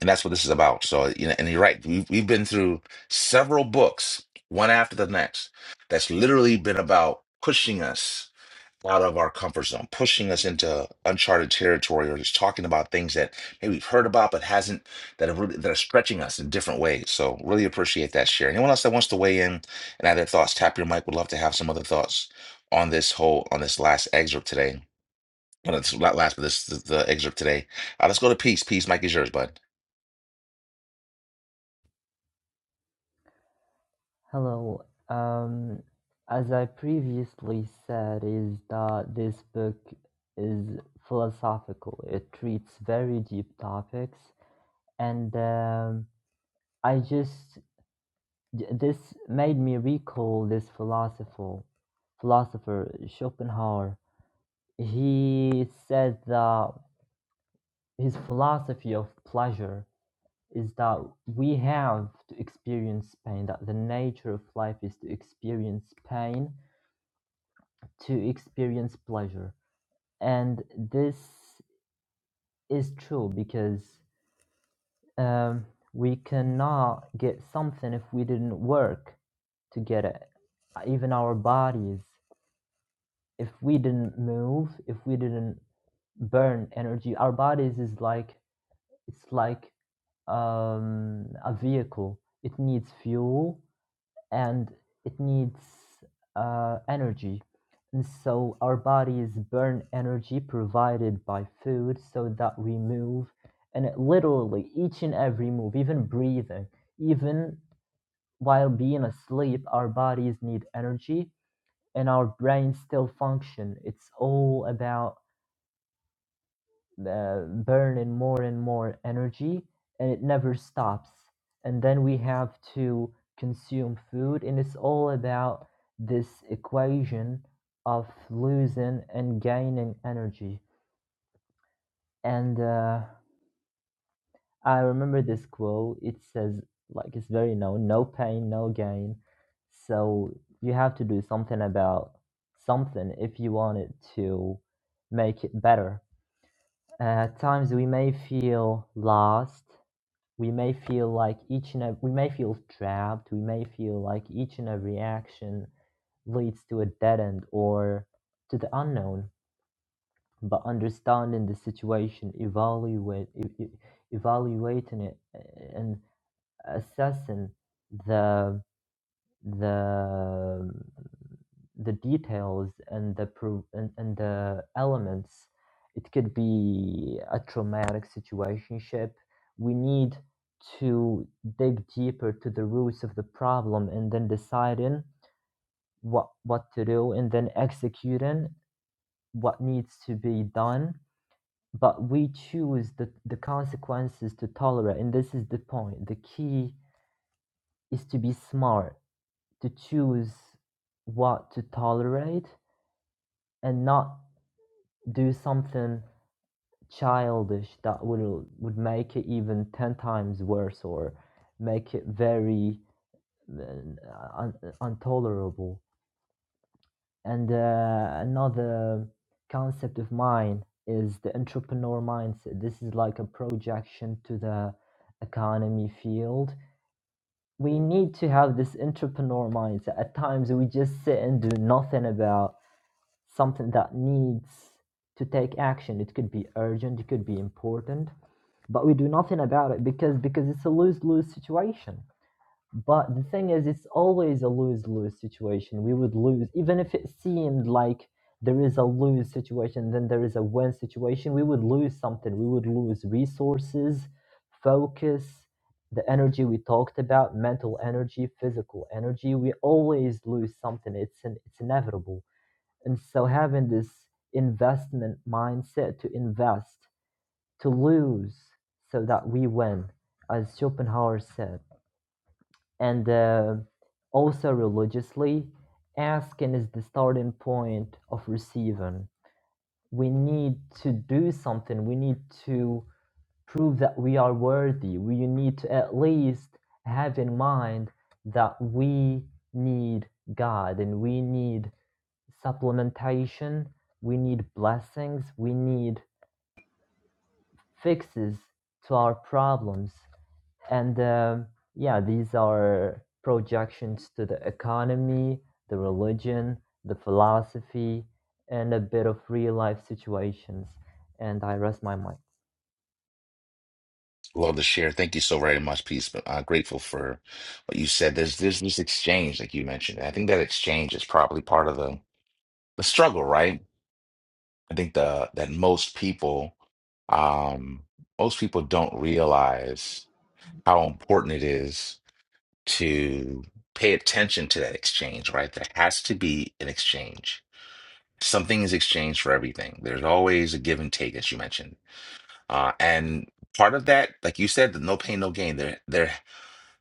Speaker 1: and that's what this is about. So, you know, and you're right. We've we've been through several books, one after the next, that's literally been about pushing us out of our comfort zone, pushing us into uncharted territory, or just talking about things that maybe we've heard about but hasn't that are really, that are stretching us in different ways. So really appreciate that share. Anyone else that wants to weigh in and add their thoughts, tap your mic. Would love to have some other thoughts on this whole on this last excerpt today. Well, it's not last, but this is the excerpt today. Uh, let's go to peace. Peace, Mike is yours, bud.
Speaker 3: Hello. Um, as I previously said, is that this book is philosophical. It treats very deep topics, and um, I just this made me recall this philosopher, philosopher Schopenhauer. He said that his philosophy of pleasure is that we have to experience pain, that the nature of life is to experience pain, to experience pleasure. And this is true because um, we cannot get something if we didn't work to get it. Even our bodies, if we didn't move, if we didn't burn energy, our bodies is like, it's like um, a vehicle. It needs fuel and it needs uh, energy. And so our bodies burn energy provided by food so that we move. And it literally, each and every move, even breathing, even while being asleep, our bodies need energy and our brains still function. It's all about uh, burning more and more energy and it never stops and then we have to consume food and it's all about this equation of losing and gaining energy and uh, i remember this quote it says like it's very known no pain no gain so you have to do something about something if you want it to make it better at times we may feel lost we may feel like each and every, we may feel trapped we may feel like each and every action leads to a dead end or to the unknown but understanding the situation evaluate e- e- evaluating it uh, and assessing the the the details and the pro- and, and the elements it could be a traumatic situationship we need to dig deeper to the roots of the problem and then deciding what what to do and then executing what needs to be done but we choose the, the consequences to tolerate and this is the point the key is to be smart to choose what to tolerate and not do something childish that would would make it even 10 times worse or make it very uh, un- intolerable and uh, another concept of mine is the entrepreneur mindset this is like a projection to the economy field we need to have this entrepreneur mindset at times we just sit and do nothing about something that needs to take action. It could be urgent, it could be important, but we do nothing about it because because it's a lose lose situation. But the thing is, it's always a lose lose situation. We would lose even if it seemed like there is a lose situation, then there is a win situation. We would lose something. We would lose resources, focus, the energy we talked about, mental energy, physical energy. We always lose something. It's an, it's inevitable and so having this investment mindset to invest, to lose so that we win, as Schopenhauer said. And uh, also religiously, asking is the starting point of receiving. We need to do something, we need to prove that we are worthy. We need to at least have in mind that we need God and we need supplementation, we need blessings, we need fixes to our problems. And um yeah, these are projections to the economy, the religion, the philosophy, and a bit of real life situations. And I rest my mind.
Speaker 1: Love to share. Thank you so very much, peace. uh, grateful for what you said. There's there's this exchange, like you mentioned. I think that exchange is probably part of the the struggle, right? I think the that most people um, most people don't realize how important it is to pay attention to that exchange, right? There has to be an exchange. Something is exchanged for everything. There's always a give and take, as you mentioned. Uh, and part of that, like you said, the no pain, no gain. There, there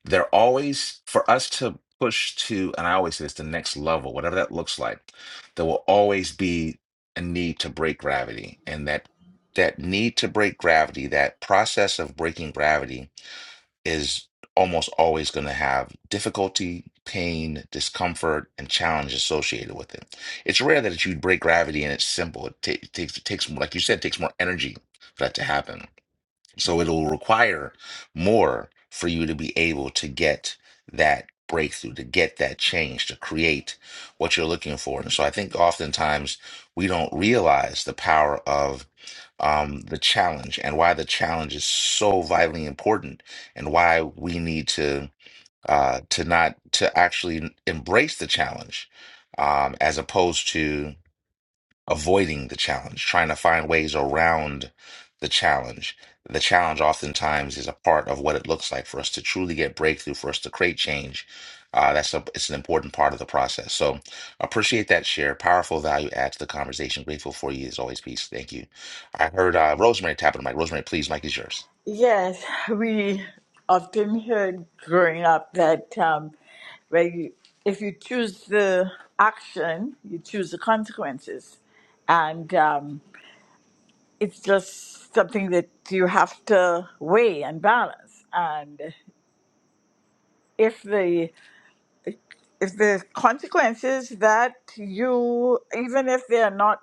Speaker 1: they're always for us to push to and i always say it's the next level whatever that looks like there will always be a need to break gravity and that that need to break gravity that process of breaking gravity is almost always going to have difficulty pain discomfort and challenge associated with it it's rare that you break gravity and it's simple it, ta- it takes it takes more like you said it takes more energy for that to happen so it'll require more for you to be able to get that breakthrough, to get that change, to create what you're looking for. And so I think oftentimes we don't realize the power of um, the challenge and why the challenge is so vitally important and why we need to uh, to not to actually embrace the challenge um, as opposed to avoiding the challenge, trying to find ways around the challenge. The challenge oftentimes is a part of what it looks like for us to truly get breakthrough, for us to create change. Uh, that's a, it's an important part of the process. So appreciate that share. Powerful value add to the conversation. Grateful for you as always. Peace. Thank you. I heard uh, Rosemary tapping the mic. Rosemary, please, mic is yours.
Speaker 5: Yes, we often heard growing up that um, where you, if you choose the action, you choose the consequences. And um, it's just something that you have to weigh and balance. And if the if there's consequences that you even if they are not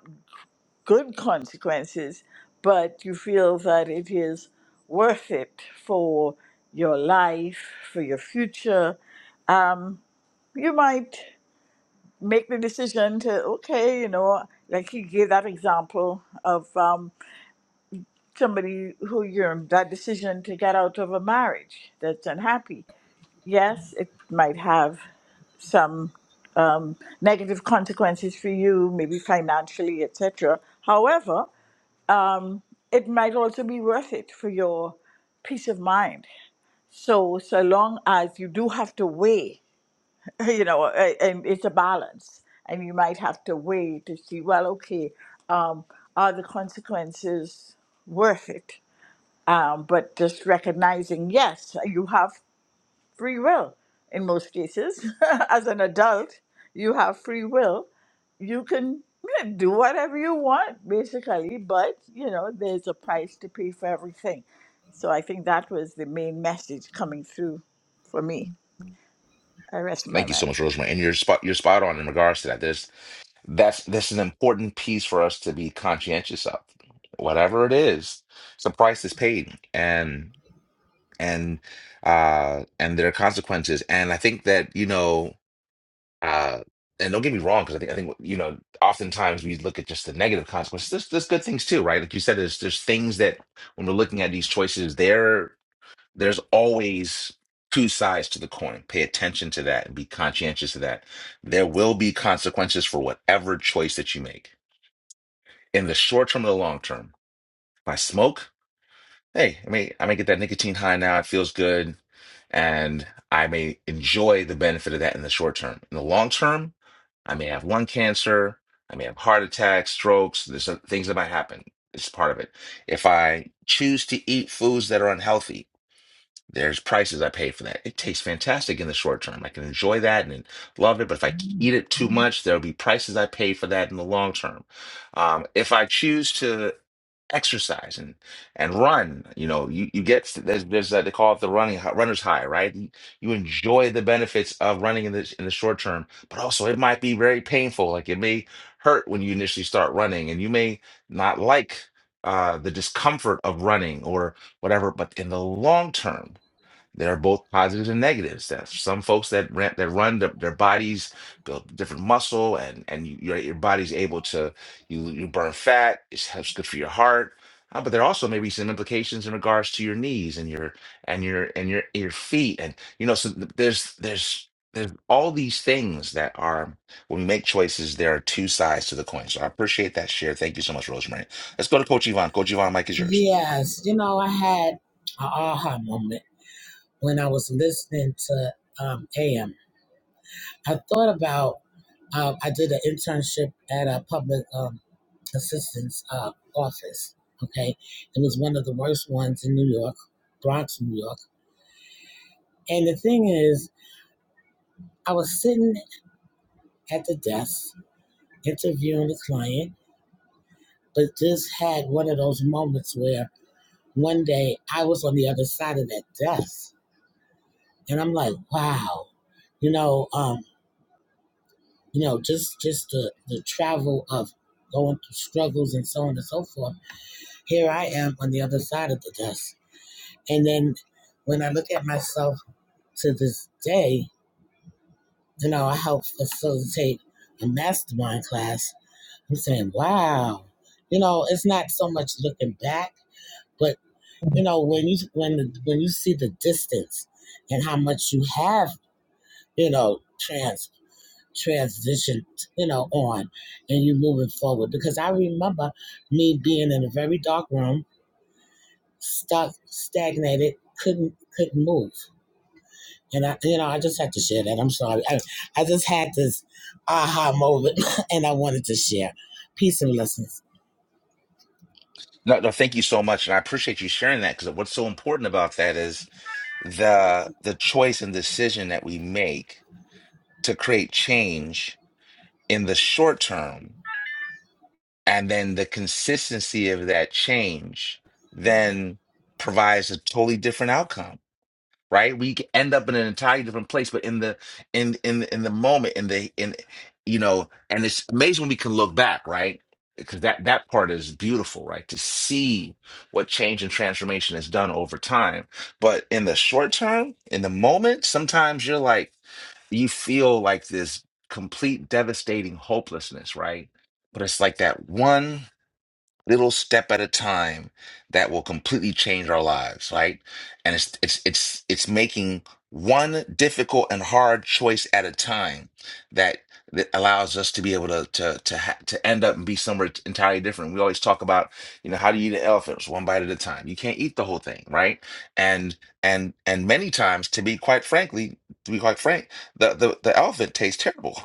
Speaker 5: good consequences but you feel that it is worth it for your life for your future um, you might make the decision to okay you know like he gave that example of um, somebody who you're that decision to get out of a marriage that's unhappy yes it might have some um, negative consequences for you, maybe financially, etc. However, um, it might also be worth it for your peace of mind. So, so long as you do have to weigh, you know, a- and it's a balance, and you might have to weigh to see, well, okay, um, are the consequences worth it? Um, but just recognizing, yes, you have free will in most cases. As an adult, you have free will you can do whatever you want basically but you know there's a price to pay for everything so i think that was the main message coming through for me i rest my
Speaker 1: Thank you so
Speaker 5: mind
Speaker 1: much, Rosemary. And you're spot you're spot on in regards to that. There's. That's this is an important piece for us to be conscientious of. Whatever it is, it's a price that's paid, and and uh and there are consequences. And I think that, you know, uh and don't get me wrong, because I think I think you know, oftentimes we look at just the negative consequences. There's there's good things too, right? Like you said, there's there's things that when we're looking at these choices, there there's always two sides to the coin. Pay attention to that and be conscientious of that. There will be consequences for whatever choice that you make in the short term or the long term. If I smoke, hey, I may I may get that nicotine high now. It feels good, and I may enjoy the benefit of that in the short term. In the long term, I may have lung cancer. I may have heart attacks, strokes. There's uh, things that might happen. It's part of it. If I choose to eat foods that are unhealthy, there's prices I pay for that. It tastes fantastic in the short term. I can enjoy that and love it, but if I eat it too much, there'll be prices I pay for that in the long term. Um, if I choose to exercise and and run, you know, you, you get there's there's that they call it the running runner's high, right? You enjoy the benefits of running in the in the short term, but also it might be very painful. Like it may hurt when you initially start running, and you may not like uh, the discomfort of running or whatever. But in the long term. There are both positives and negatives. That some folks that ran, that run the, their bodies build different muscle, and and you, your your body's able to you you burn fat. It's helps good for your heart. Uh, but there also may be some implications in regards to your knees and your and your and your your feet, and you know. So th- there's there's there's all these things that are when we make choices. There are two sides to the coin. So I appreciate that share. Thank you so much, Rosemary. Let's go to Coach Yvonne. Coach Yvonne, Mike is yours.
Speaker 7: Yes, you know, I had an aha moment when I was listening to um, AM. I thought about, um, I did an internship at a public um, assistance uh, office. Okay. It was one of the worst ones in New York, Bronx, New York. And the thing is, I was sitting at the desk interviewing the client, but just had one of those moments where one day I was on the other side of that desk, and I'm like, wow, you know, um, you know, just just the the travel of going through struggles and so on and so forth. Here I am on the other side of the desk, and then when I look at myself to this day, you know, I help facilitate a mastermind class. I'm saying, wow, you know, it's not so much looking back But you know, when you when the when you see the distance and how much you have, you know, trans transitioned, you know, on and you moving forward. Because I remember me being in a very dark room, stuck, stagnated, couldn't couldn't move. And I you know, I just had to share that. I'm sorry. I, I just had this aha moment and I wanted to share. Peace and blessings.
Speaker 1: No, no, thank you so much, and I appreciate you sharing that because what's so important about that is the the choice and decision that we make to create change in the short term, and then the consistency of that change then provides a totally different outcome right? We could end up in an entirely different place, but in the in in in the moment, in the in you know, and it's amazing when we can look back, right? Because that that part is beautiful, right? To see what change and transformation has done over time, but in the short term, in the moment, sometimes you're like you feel like this complete devastating hopelessness, right? But it's like that one little step at a time that will completely change our lives, right? And it's it's it's it's making one difficult and hard choice at a time that that allows us to be able to to to ha- to end up and be somewhere entirely different. We always talk about, you know, how do you eat an elephant? It's one bite at a time. You can't eat the whole thing, right? And and and many times, to be quite frankly, to be quite frank, the the, the elephant tastes terrible,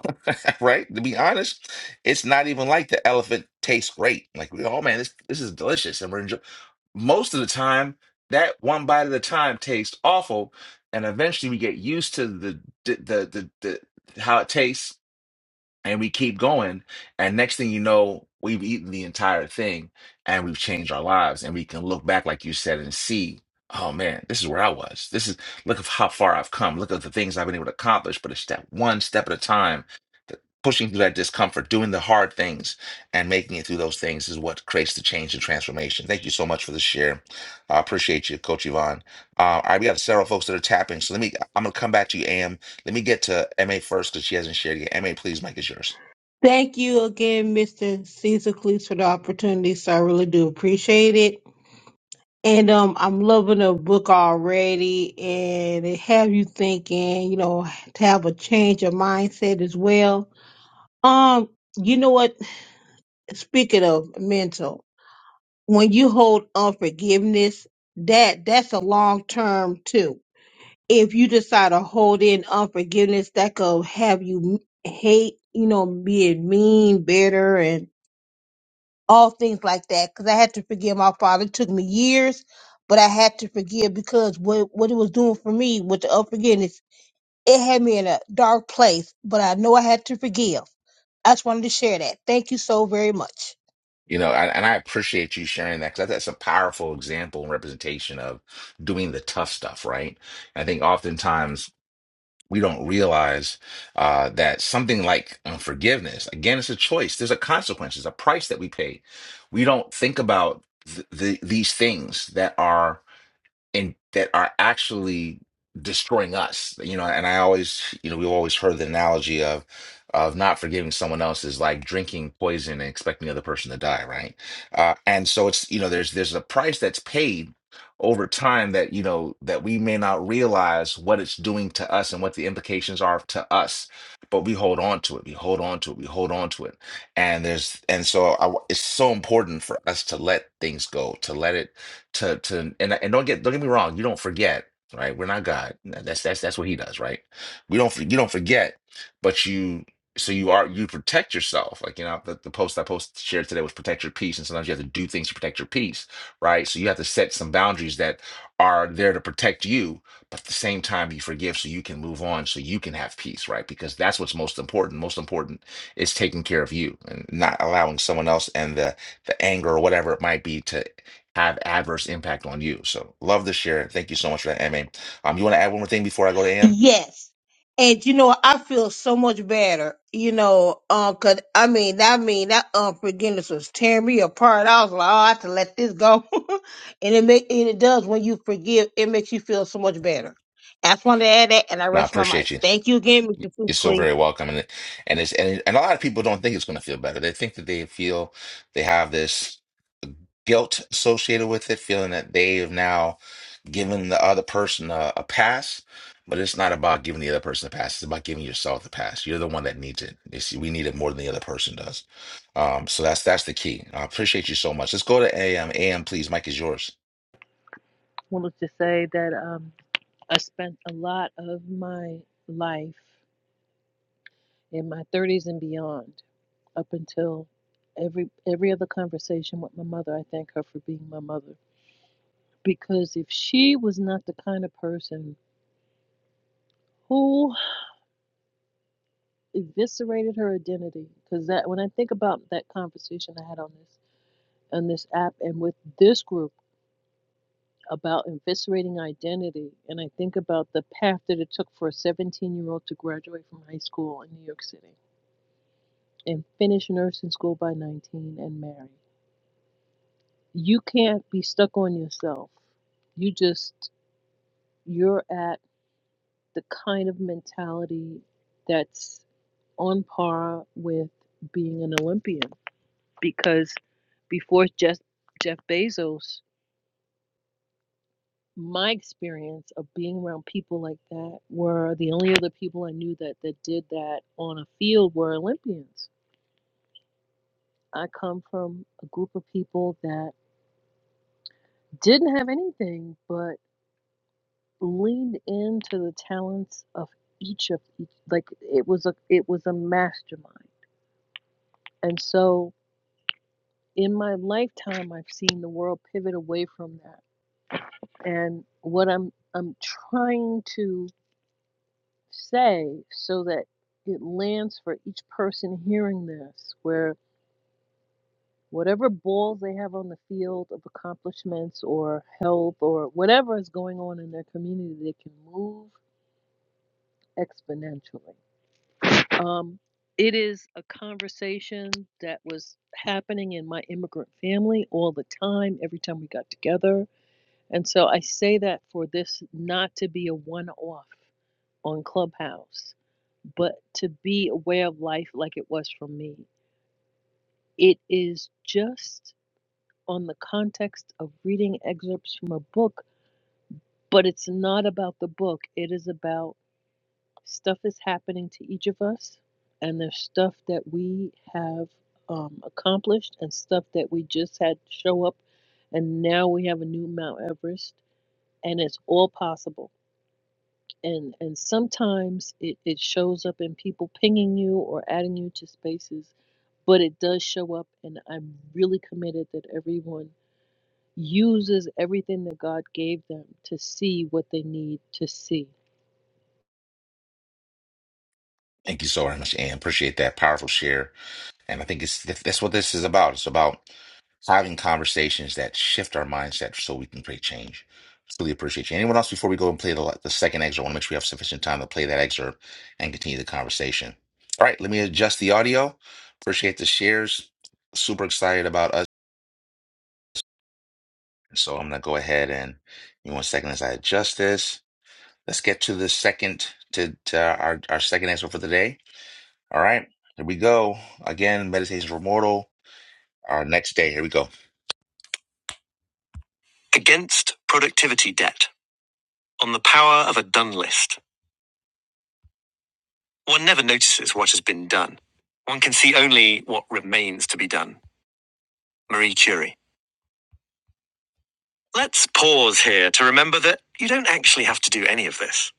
Speaker 1: right? To be honest, it's not even like the elephant tastes great. Like we, oh man, this this is delicious, and we're enjoying. Most of the time, that one bite at a time tastes awful, and eventually we get used to the the the the, the how it tastes and we keep going and next thing you know we've eaten the entire thing and we've changed our lives and we can look back like you said and see oh man this is where i was this is look at how far i've come look at the things i've been able to accomplish but it's step one step at a time The- pushing through that discomfort doing the hard things and making it through those things is what creates the change and transformation thank you so much for the share i appreciate you coach yvonne uh, all right we got several folks that are tapping so let me i'm gonna come back to you am let me get to MA first because she hasn't shared yet. MA, please, Mike is yours.
Speaker 4: Thank you again, Mr. Caesar Cleese, for the opportunity. So I really do appreciate it. And um, I'm loving the book already, and it have you thinking, you know, to have a change of mindset as well. Um, you know what? Speaking of mental, when you hold unforgiveness, that that's a long term too. If you decide to hold in unforgiveness, that could have you hate, you know, being mean, bitter, and all things like that because I had to forgive my father. It took me years, but I had to forgive because what what it was doing for me with the unforgiveness, it had me in a dark place. But I know I had to forgive. I just wanted to share that. Thank you so very much.
Speaker 1: You know, and, and I appreciate you sharing that because that's a powerful example and representation of doing the tough stuff, right? I think oftentimes we don't realize uh, that something like unforgiveness, again, it's a choice. There's a consequence. There's a price that we pay. We don't think about th- the, these things that are and that are actually destroying us you know and i always you know we've always heard the analogy of of not forgiving someone else is like drinking poison and expecting the other person to die right uh and so it's you know there's there's a price that's paid over time that you know that we may not realize what it's doing to us and what the implications are to us but we hold on to it we hold on to it we hold on to it and there's and so I, it's so important for us to let things go to let it to to and and don't get don't get me wrong, you don't forget, right? We're not God. That's that's that's what He does, right? We don't for- you don't forget, but you so you are you protect yourself. Like you know the, the post I post shared today was protect your peace, and sometimes you have to do things to protect your peace, right? So you have to set some boundaries that are there to protect you, but at the same time you forgive so you can move on, so you can have peace, right? Because that's what's most important. Most important is taking care of you and not allowing someone else and the the anger or whatever it might be to have adverse impact on you. So love to share. Thank you so much for that, Amy. Um, you want to add one more thing before I go to AM?
Speaker 4: Yes. And you know, I feel so much better, you know, um, cause I mean, I mean, that unforgiveness was tearing me apart. I was like, oh, I have to let this go. and it make, and it does when you forgive, it makes you feel so much better. I just wanted to add that and I
Speaker 1: No, I
Speaker 4: rest my mic.
Speaker 1: appreciate you.
Speaker 4: Thank you again, Mr. Super
Speaker 1: You're so
Speaker 4: Cleese.
Speaker 1: very welcome, and it- and it's and, and a lot of people don't think it's going to feel better. They think that they feel they have this guilt associated with it, feeling that they have now giving the other person a, a pass, but it's not about giving the other person a pass. It's about giving yourself the pass. You're the one that needs it. It's, we need it more than the other person does. Um, so that's that's the key. I appreciate you so much. Let's go to AM. AM, please. Mike is yours.
Speaker 10: wanted to say that um, I spent a lot of my life in my 30s and beyond up until every every other conversation with my mother I thank her for being my mother Because if she was not the kind of person who eviscerated her identity, because that when I think about that conversation I had on this on this app and with this group about eviscerating identity, and I think about the path that it took for a 17 year old to graduate from high school in New York City and finish nursing school by 19 and marry. You can't be stuck on yourself. You just you're at the kind of mentality that's on par with being an Olympian because before Jeff, Jeff Bezos, my experience of being around people like that were the only other people I knew that, that did that on a field were Olympians. I come from a group of people that didn't have anything but leaned into the talents of each of each like it was a it was a mastermind. And so in my lifetime I've seen the world pivot away from that And what I'm I'm trying to say so that it lands for each person hearing this, where whatever balls they have on the field of accomplishments or health or whatever is going on in their community, they can move exponentially. Um, it is a conversation that was happening in my immigrant family all the time, every time we got together. And so I say that for this not to be a one off. on Clubhouse, but to be aware of life like it was for me. It is just on the context of reading excerpts from a book, but it's not about the book. It is about stuff is happening to each of us, and there's stuff that we have um, accomplished, and stuff that we just had show up, and now we have a new Mount Everest, and it's all possible and and sometimes it, it shows up in people pinging you or adding you to spaces but it does show up and i'm really committed that everyone uses everything that god gave them to see what they need to see
Speaker 1: Thank you so very much, AM. Appreciate that powerful share. And I think it's that's what this is about. It's about. having conversations that shift our mindset so we can create change. Truly appreciate you. Anyone else before we go and play the, the second excerpt? I want to make sure we have sufficient time to play that excerpt and continue the conversation. All right, let me adjust the audio. Appreciate the shares. Super excited about us. So I'm going to go ahead and give me one second as I adjust this. Let's get to the second, to, to our, our second excerpt for the day. All right, here we go. Again, Meditations for Mortal, our next day. Here we go. Against productivity debt. On the power of a done list, one never notices what has been done. One can see only what remains to be done. Marie Curie. Let's pause here to remember that you don't actually have to do any of this.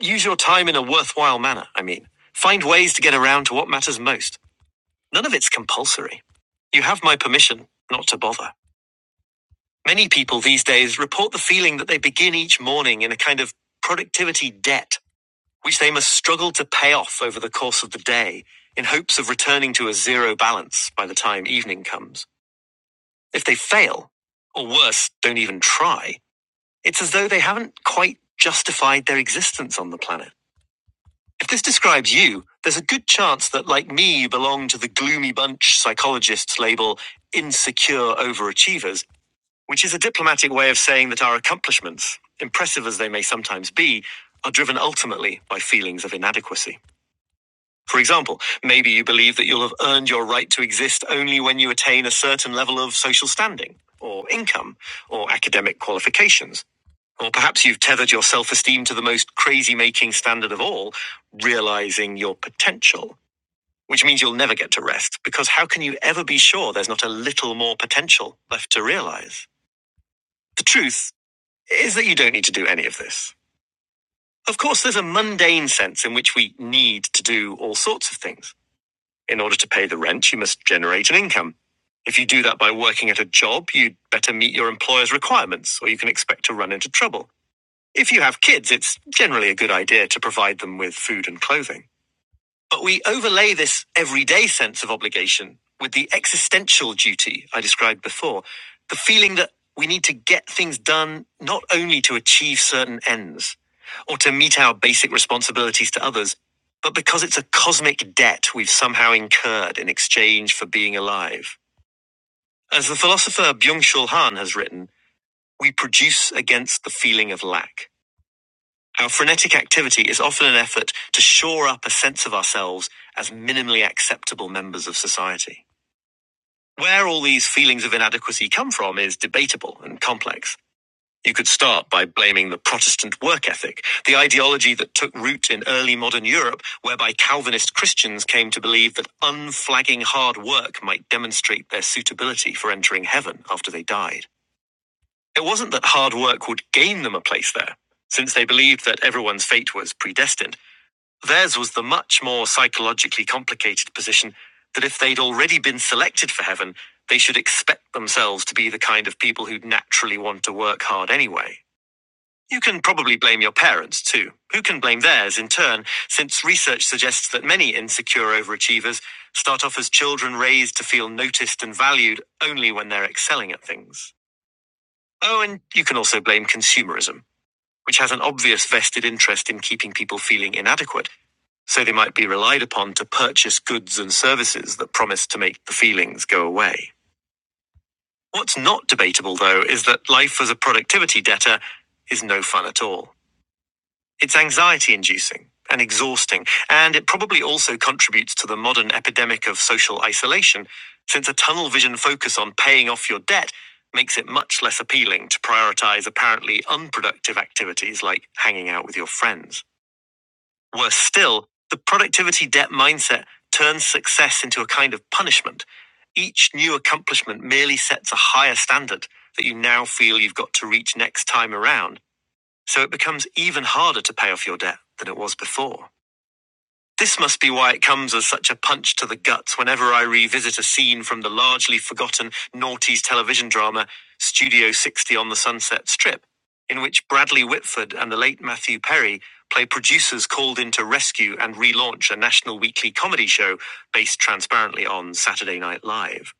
Speaker 1: Use your time in a worthwhile manner, I mean. Find ways to get around to what matters most. None of it's compulsory. You have my permission not to bother. Many people these days report the feeling that they begin each morning in a kind of productivity debt which they must struggle to pay off over the course of the day in hopes of returning to a zero balance by the time evening comes. If they fail, or worse, don't even try, it's as though they haven't quite justified their existence on the planet. If this describes you, there's a good chance that, like me, you belong to the gloomy bunch psychologists label insecure overachievers, which is a diplomatic way of saying that our accomplishments, impressive as they may sometimes be, are driven ultimately by feelings of inadequacy. For example, maybe you believe that you'll have earned your right to exist only when you attain a certain level of social standing, or income, or academic qualifications. Or perhaps you've tethered your self esteem to the most crazy making standard of all, realizing your potential, which means you'll never get to rest, because how can you ever be sure there's not a little more potential left to realize? The truth is that you don't need to do any of this. Of course, there's a mundane sense in which we need to do all sorts of things. In order to pay the rent, you must generate an income. If you do that by working at a job, you'd better meet your employer's requirements or you can expect to run into trouble. If you have kids, it's generally a good idea to provide them with food and clothing. But we overlay this everyday sense of obligation with the existential duty I described before the feeling that we need to get things done not only to achieve certain ends or to meet our basic responsibilities to others, but because it's a cosmic debt we've somehow incurred in exchange for being alive. As the philosopher Byung Chul Han has written, we produce against the feeling of lack. Our frenetic activity is often an effort to shore up a sense of ourselves as minimally acceptable members of society. Where all these feelings of inadequacy come from is debatable and complex. You could start by blaming the Protestant work ethic, the ideology that took root in early modern Europe, whereby Calvinist Christians came to believe that unflagging hard work might demonstrate their suitability for entering heaven after they died. It wasn't that hard work would gain them a place there, since they believed that everyone's fate was predestined. Theirs was the much more psychologically complicated position that if they'd already been selected for heaven, they should expect themselves to be the kind of people who'd naturally want to work hard anyway. You can probably blame your parents too. Who can blame theirs in turn, since research suggests that many insecure overachievers start off as children raised to feel noticed and valued only when they're excelling at things. Oh, and you can also blame consumerism, which has an obvious vested interest in keeping people feeling inadequate so they might be relied upon to purchase goods and services that promise to make the feelings go away. What's not debatable, though, is that life as a productivity debtor is no fun at all. It's anxiety inducing and exhausting, and it probably also contributes to the modern epidemic of social isolation, since a tunnel vision focus on paying off your debt makes it much less appealing to prioritize apparently unproductive activities like hanging out with your friends. Worse still, the productivity debt mindset turns success into a kind of punishment. Each new accomplishment merely sets a higher standard that you now feel you've got to reach next time around, so it becomes even harder to pay off your debt than it was before. This must be why it comes as such a punch to the guts whenever I revisit a scene from the largely forgotten noughties television drama Studio 60 on the Sunset Strip, in which Bradley Whitford and the late Matthew Perry play producers called in to rescue and relaunch a national weekly comedy show based transparently on Saturday Night Live.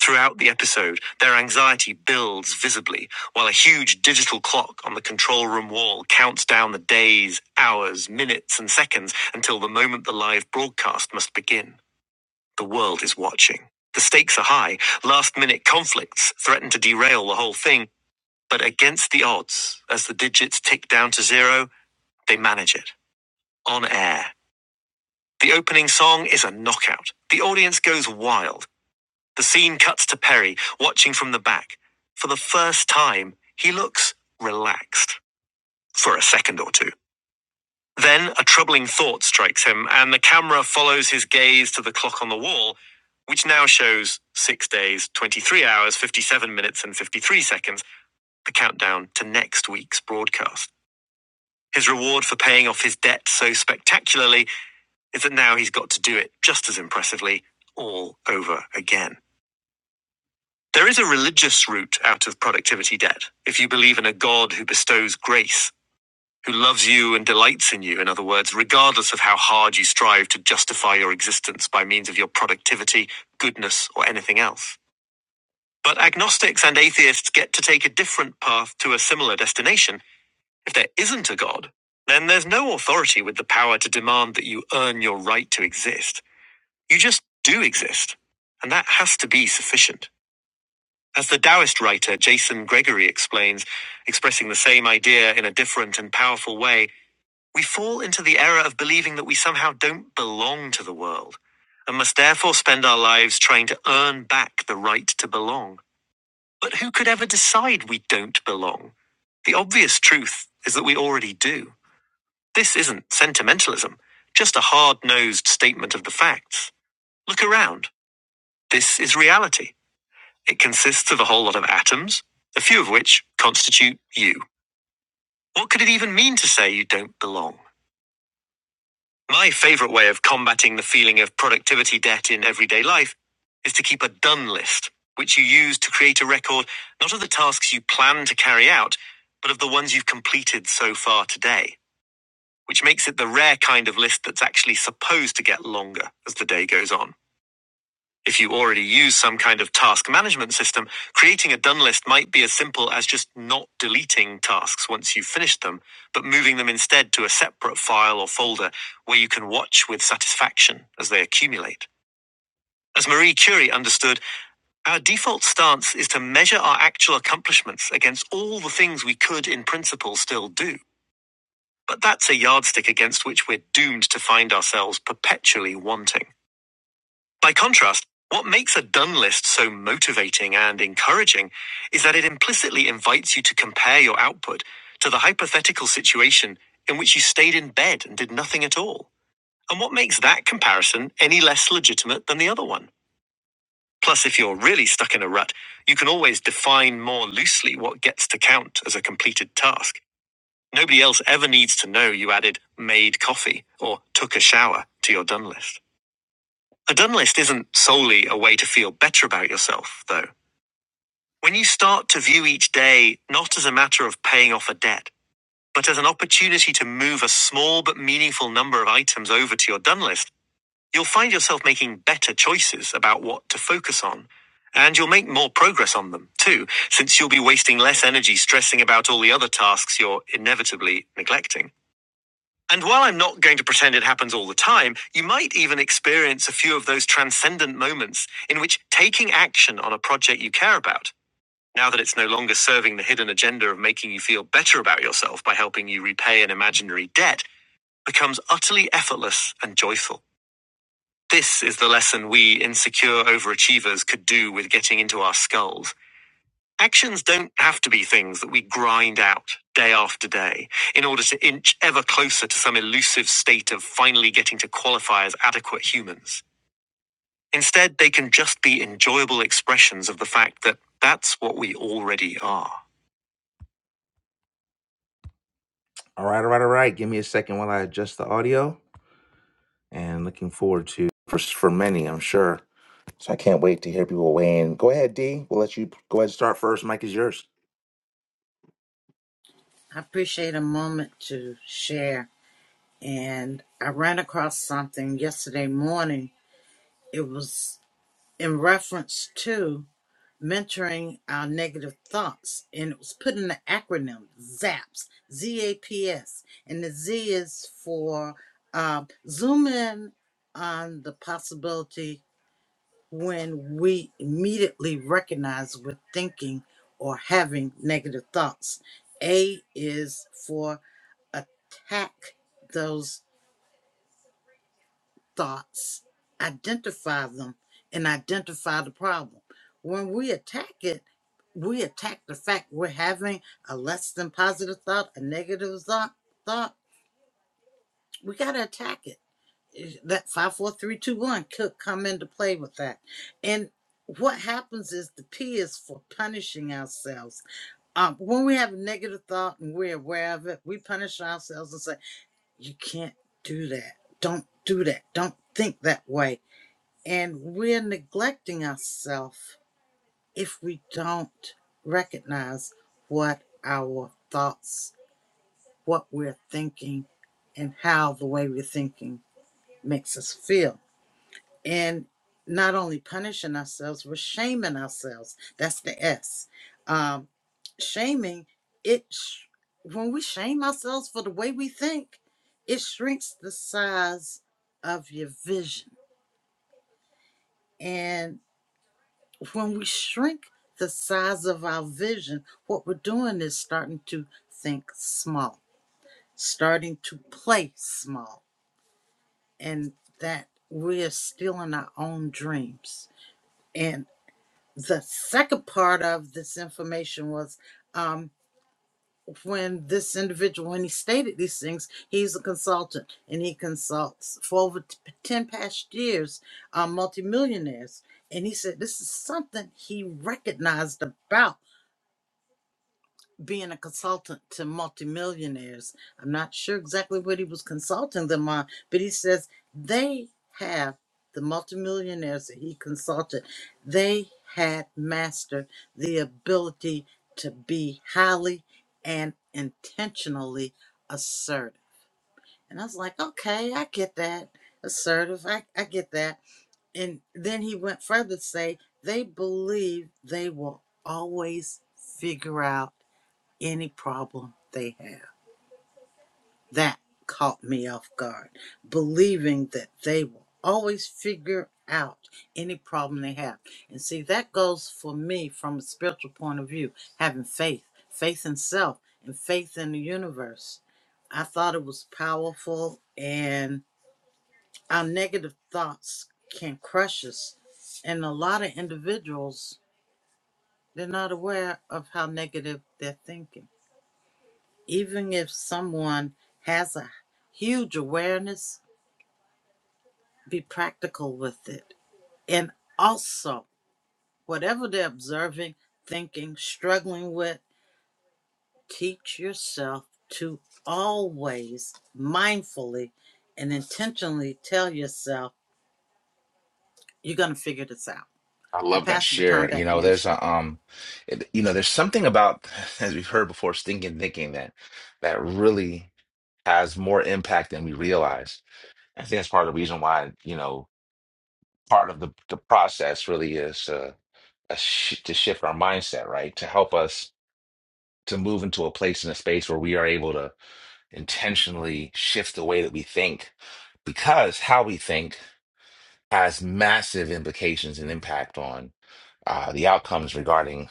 Speaker 1: Throughout the episode, their anxiety builds visibly while a huge digital clock on the control room wall counts down the days, hours, minutes, and seconds until the moment the live broadcast must begin. The world is watching. The stakes are high. Last minute conflicts threaten to derail the whole thing, but against the odds, as the digits tick down to zero, they manage it. On air. The opening song is a knockout. The audience goes wild. The scene cuts to Perry, watching from the back. For the first time, he looks relaxed for a second or two. Then a troubling thought strikes him, and the camera follows his gaze to the clock on the wall, which now shows six days, 23 hours, 57 minutes, and 53 seconds, the countdown to next week's broadcast. His reward for paying off his debt so spectacularly is that now he's got to do it just as impressively all over again. There is a religious route out of productivity debt if you believe in a God who bestows grace, who loves you and delights in you, in other words, regardless of how hard you strive to justify your existence by means of your productivity, goodness, or anything else. But agnostics and atheists get to take a different path to a similar destination. If there isn't a God, then there's no authority with the power to demand that you earn your right to exist. You just do exist, and that has to be sufficient. As the Taoist writer Jason Gregory explains, expressing the same idea in a different and powerful way, we fall into the error of believing that we somehow don't belong to the world, and must therefore spend our lives trying to earn back the right to belong. But who could ever decide we don't belong? The obvious truth is that we already do. This isn't sentimentalism, just a hard nosed statement of the facts. Look around. This is reality. It consists of a whole lot of atoms, a few of which constitute you. What could it even mean to say you don't belong? My favorite way of combating the feeling of productivity debt in everyday life is to keep a done list, which you use to create a record not of the tasks you plan to carry out, but of the ones you've completed so far today, which makes it the rare kind of list that's actually supposed to get longer as the day goes on. If you already use some kind of task management system, creating a done list might be as simple as just not deleting tasks once you've finished them, but moving them instead to a separate file or folder where you can watch with satisfaction as they accumulate. As Marie Curie understood, our default stance is to measure our actual accomplishments against all the things we could in principle still do. But that's a yardstick against which we're doomed to find ourselves perpetually wanting. By contrast, what makes a done list so motivating and encouraging is that it implicitly invites you to compare your output to the hypothetical situation in which you stayed in bed and did nothing at all. And what makes that comparison any less legitimate than the other one? Plus, if you're really stuck in a rut, you can always define more loosely what gets to count as a completed task. Nobody else ever needs to know you added made coffee or took a shower to your done list. A done list isn't solely a way to feel better about yourself, though. When you start to view each day not as a matter of paying off a debt, but as an opportunity to move a small but meaningful number of items over to your done list, you'll find yourself making better choices about what to focus on. And you'll make more progress on them, too, since you'll be wasting less energy stressing about all the other tasks you're inevitably neglecting. And while I'm not going to pretend it happens all the time, you might even experience a few of those transcendent moments in which taking action on a project you care about, now that it's no longer serving the hidden agenda of making you feel better about yourself by helping you repay an imaginary debt, becomes utterly effortless and joyful. This is the lesson we insecure overachievers could do with getting into our skulls. Actions don't have to be things that we grind out day after day in order to inch ever closer to some elusive state of finally getting to qualify as adequate humans. Instead, they can just be enjoyable expressions of the fact that that's what we already are. All right, all right, all right. Give me a second while I adjust the audio and looking forward to for for many, I'm sure. So I can't wait to hear people weigh in. Go ahead, D. We'll let you go ahead and start first. Mike is yours.
Speaker 2: I appreciate a moment to share, and I ran across something yesterday morning. It was in reference to mentoring our negative thoughts. And it was put in the acronym ZAPS, Z A P S. And the Z is for um, zoom in on the possibility when we immediately recognize we're thinking or having negative thoughts. A is for attack those thoughts, identify them, and identify the problem. When we attack it, we attack the fact we're having a less than positive thought, a negative thought. Thought we got to attack it. Is- That five, four, three, two, one could come into play with that. And what happens is the P is for punishing ourselves. Um, when we have a negative thought and we're aware of it, we punish ourselves and say, "You can't do that. Don't do that. Don't think that way." And we're neglecting ourselves if we don't recognize what our thoughts, what we're thinking, and how the way we're thinking makes us feel. And not only punishing ourselves, we're shaming ourselves. That's the S. Um, shaming, it sh- when we shame ourselves for the way we think, it shrinks the size of your vision. And when we shrink the size of our vision, what we're doing is starting to think small, starting to play small, and that we are stealing our own dreams. And the second part of this information was um, when this individual, when he stated these things, he's a consultant and he consults for over t- 10 past years, uh, multimillionaires. And he said this is something he recognized about being a consultant to multimillionaires. I'm not sure exactly what he was consulting them on, but he says they have the multimillionaires that he consulted, they had mastered the ability to be highly and intentionally assertive. And I was like, okay, I get that. Assertive, I, I get that. And then he went further to say they believe they will always figure out any problem they have. That caught me off guard, believing that they will always figure out any problem they have. And see, that goes for me from a spiritual point of view, having faith, faith in self, and faith in the universe. I thought it was powerful, and our negative thoughts can crush us. And a lot of individuals, they're not aware of how negative they're thinking. even if someone has a huge awareness, be practical with it. And also, whatever they're observing, thinking, struggling with, teach yourself to always mindfully and intentionally tell yourself, you're going to figure this out.
Speaker 1: I
Speaker 2: I
Speaker 1: love that
Speaker 2: pass the baton
Speaker 1: share. You
Speaker 2: back to
Speaker 1: know,
Speaker 2: you,
Speaker 1: there's
Speaker 2: sir.
Speaker 1: a um, it, you know, there's something about as we've heard before, stinking thinking that that really has more impact than we realize. I think that's part of the reason why you know part of the the process really is uh, a sh to shift our mindset, right? To help us to move into a place in a space where we are able to intentionally shift the way that we think, because how we think has massive implications and impact uh, the outcomes regarding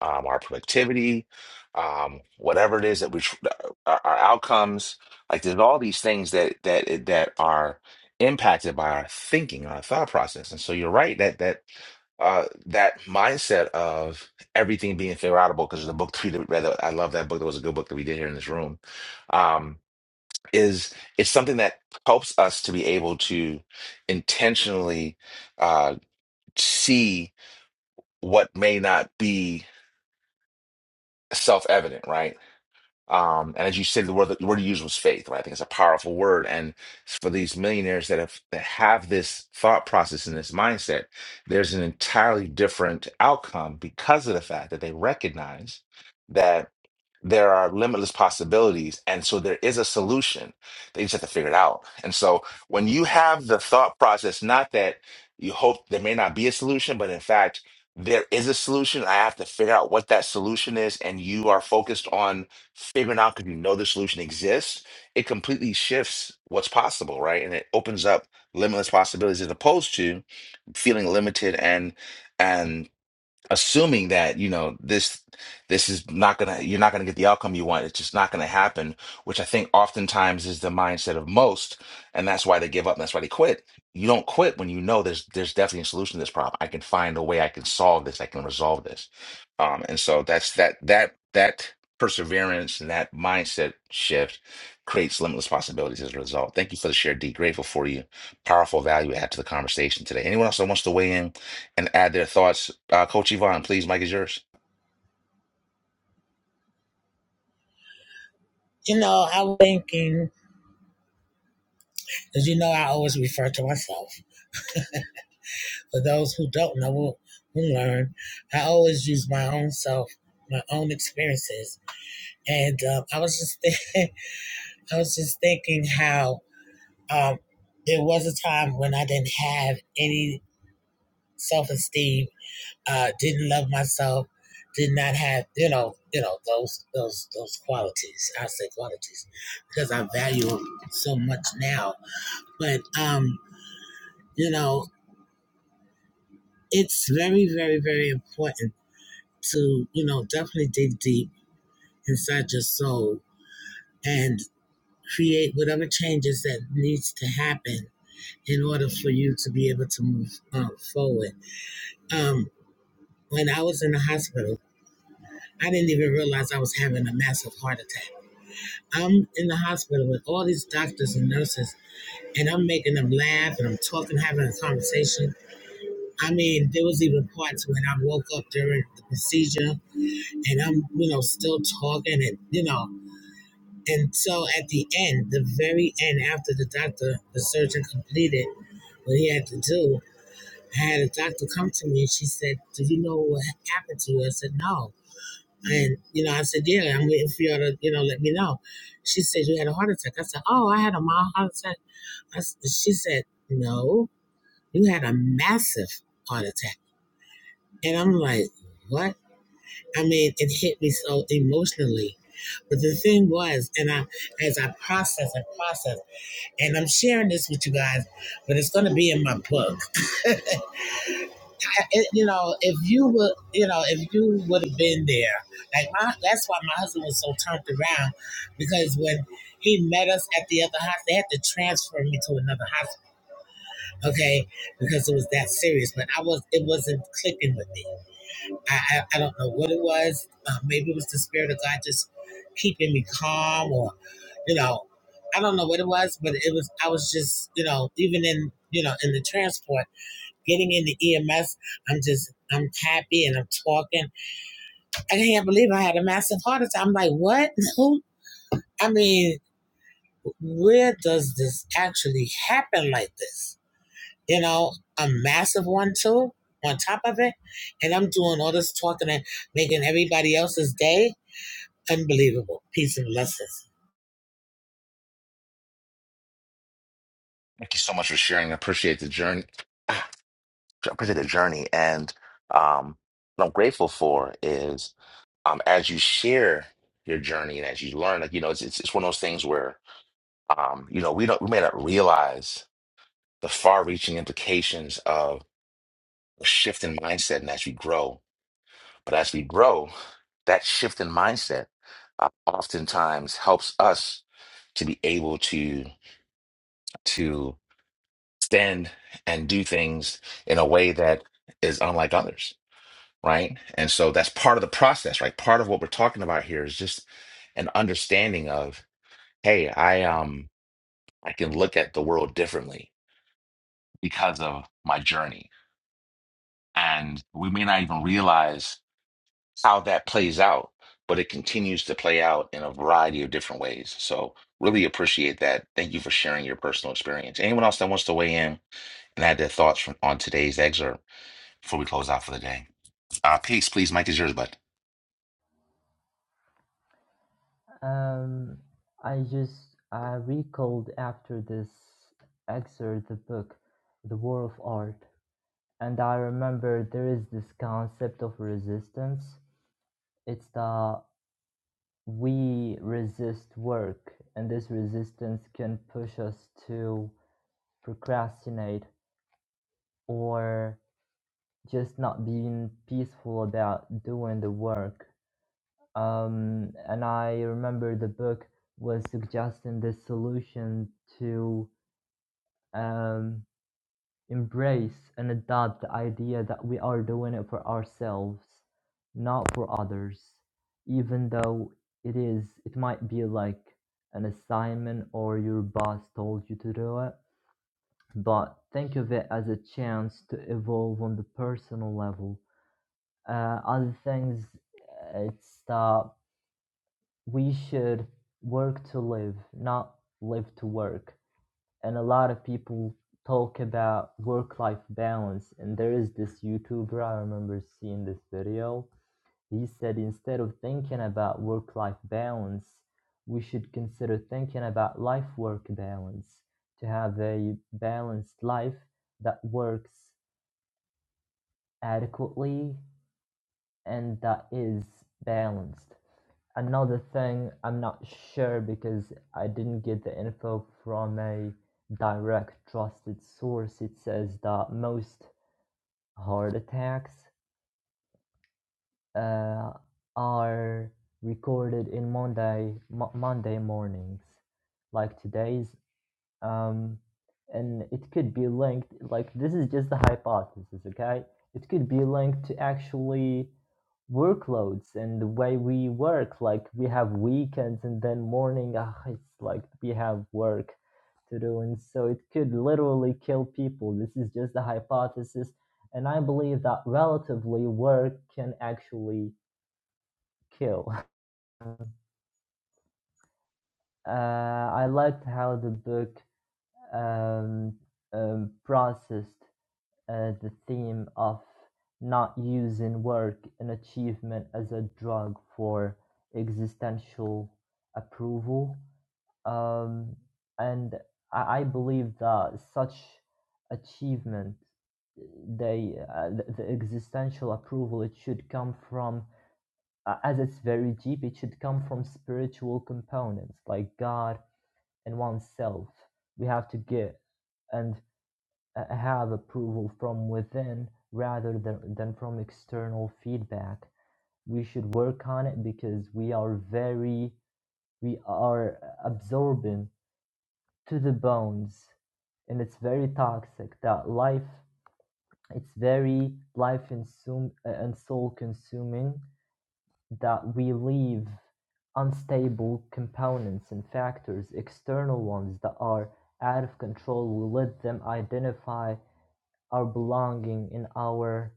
Speaker 1: um, our productivity, um, whatever it is that we tr- uh, our, our outcomes. Like there's all these things that that that are impacted by our thinking, our thought process. And so you're right that that uh, that mindset of everything being figure outable because the book we did- read, I love that book. That was a good book that we did here in this room. Um, is it's something that helps us to be able to intentionally uh, see what may not be self-evident, right? Um, and as you said, the word the word you used was faith, right? I think it's a powerful word. And for these millionaires that have that have this thought process and this mindset, there's an entirely different outcome because of the fact that they recognize that there are limitless possibilities. And so there is a solution. They just have to figure it out. And so when you have the thought process, not that you hope there may not be a solution, but in fact, there is a solution. I have to figure out what that solution is. And you are focused on figuring out because you know the solution exists. It completely shifts what's possible, right? And it opens up limitless possibilities as opposed to feeling limited and and assuming that you know this this is not gonna you're not gonna get the outcome you want it's just not gonna happen which i think oftentimes is the mindset of most and that's why they give up and that's why they quit you don't quit when you know there's there's definitely a solution to this problem i can find a way i can solve this i can resolve this um and so that's that that that perseverance and that mindset shift creates limitless possibilities as a result thank you for the share d grateful for you powerful value add to the conversation today anyone else that wants to weigh in and add their thoughts. Uh, Coach Yvonne, please, Mike is yours.
Speaker 7: You know, I was thinking, as you know, I always refer to myself. For those who don't know, will, will learn. I always use my own self, my own experiences, and um, I was just, think- I was just thinking how um, there was a time when I didn't have any self-esteem, uh, didn't love myself, did not have, you know, you know those those those qualities. I say qualities because I value them so much now. But um, you know, it's very, very, very important to, you know, definitely dig deep inside your soul and create whatever changes that needs to happen in order for you to be able to move uh, forward. Um, when I was in the hospital, I didn't even realize I was having a massive heart attack. I'm in the hospital with all these doctors and nurses, and I'm making them laugh and I'm talking, having a conversation. I mean, there was even parts when I woke up during the procedure and I'm, you know, still talking and, you know, And so at the end, the very end, after the doctor, the surgeon completed what he had to do, I had a doctor come to me and she said, Do you know what happened to you? I said, No. And, you know, I said, Yeah, I'm waiting for you to, you know, let me know. She said, You had a heart attack. I said, Oh, I had a mild heart attack. I s she said, No, you had a massive heart attack. And I'm like, What? I mean, it hit me so emotionally. But the thing was, and I, as I processed and processed, and I'm sharing this with you guys, but it's going to be in my book. I, it, you know, if you would, you know, if you would have been there, like my, that's why my husband was so turned around because when he met us at the other hospital, they had to transfer me to another hospital, okay, because it was that serious. But I was, it wasn't clicking with me. I, I, I don't know what it was. Uh, maybe it was the spirit of God just keeping me calm, or you know, I don't know what it was, but it was. I was just, you know, even in you know in the transport, getting in the EMS, I'm just, I'm happy and I'm talking. I can't believe I had a massive heart attack. I'm like, what? Who? I mean, where does this actually happen like this? You know, a massive one too. On top of it, and I'm doing all this talking and making everybody else's day unbelievable. Peace and blessings.
Speaker 1: Thank you so much for sharing. I appreciate the journey. I appreciate the journey, and um, what I'm grateful for is um, as you share your journey and as you learn, like you know, it's it's, it's one of those things where um, you know we don't we may not realize the far-reaching implications of a shift in mindset, and as we grow, but as we grow, that shift in mindset uh, oftentimes helps us to be able to to stand and do things in a way that is unlike others, right? And so that's part of the process, right? Part of what we're talking about here is just an understanding of, hey, I um I can look at the world differently because of my journey. And we may not even realize how that plays out, but it continues to play out in a variety of different ways. So really appreciate that. Thank you for sharing your personal experience. Anyone else that wants to weigh in and add their thoughts from, on today's excerpt? before we close out for the day. Uh, peace, please. Mike is yours, but
Speaker 3: Um, I just I recalled after this excerpt the book, The War of Art, and I remember there is this concept of resistance It's the we resist work, and this resistance can push us to procrastinate or just not being peaceful about doing the work. Um, and I remember the book was suggesting this solution to um, Embrace and adopt the idea that we are doing it for ourselves, not for others, even though it is it might be like an assignment or your boss told you to do it, but think of it as a chance to evolve on the personal level. Uh, other things, uh, it's that we should work to live, not live to work and a lot of people talk about work-life balance and there is this youtuber i remember seeing this video he said instead of thinking about work-life balance we should consider thinking about life-work balance to have a balanced life that works adequately and that is balanced Another thing, I'm not sure because I didn't get the info from a direct trusted source. It says that most heart attacks uh, are recorded in Monday mo- Monday mornings. Like today's um, and it could be linked like this is just the hypothesis okay it could be linked to actually workloads and the way we work like we have weekends and then morning ah, it's like we have work to do and so it could literally kill people this is just the hypothesis and i believe that relatively work can actually kill uh, i liked how the book um, um, processed uh, the theme of not using work and achievement as a drug for existential approval. Um, and I, I believe that such achievement, they uh, the, the existential approval, it should come from, uh, as it's very deep, it should come from spiritual components like God and oneself. We have to get and uh, have approval from within rather than, than from external feedback. We should work on it because we are very, we are absorbent to the bones and it's very toxic that life, it's very life consum- uh, and soul consuming that we leave unstable components and factors, external ones that are out of control. We let them identify our belonging and our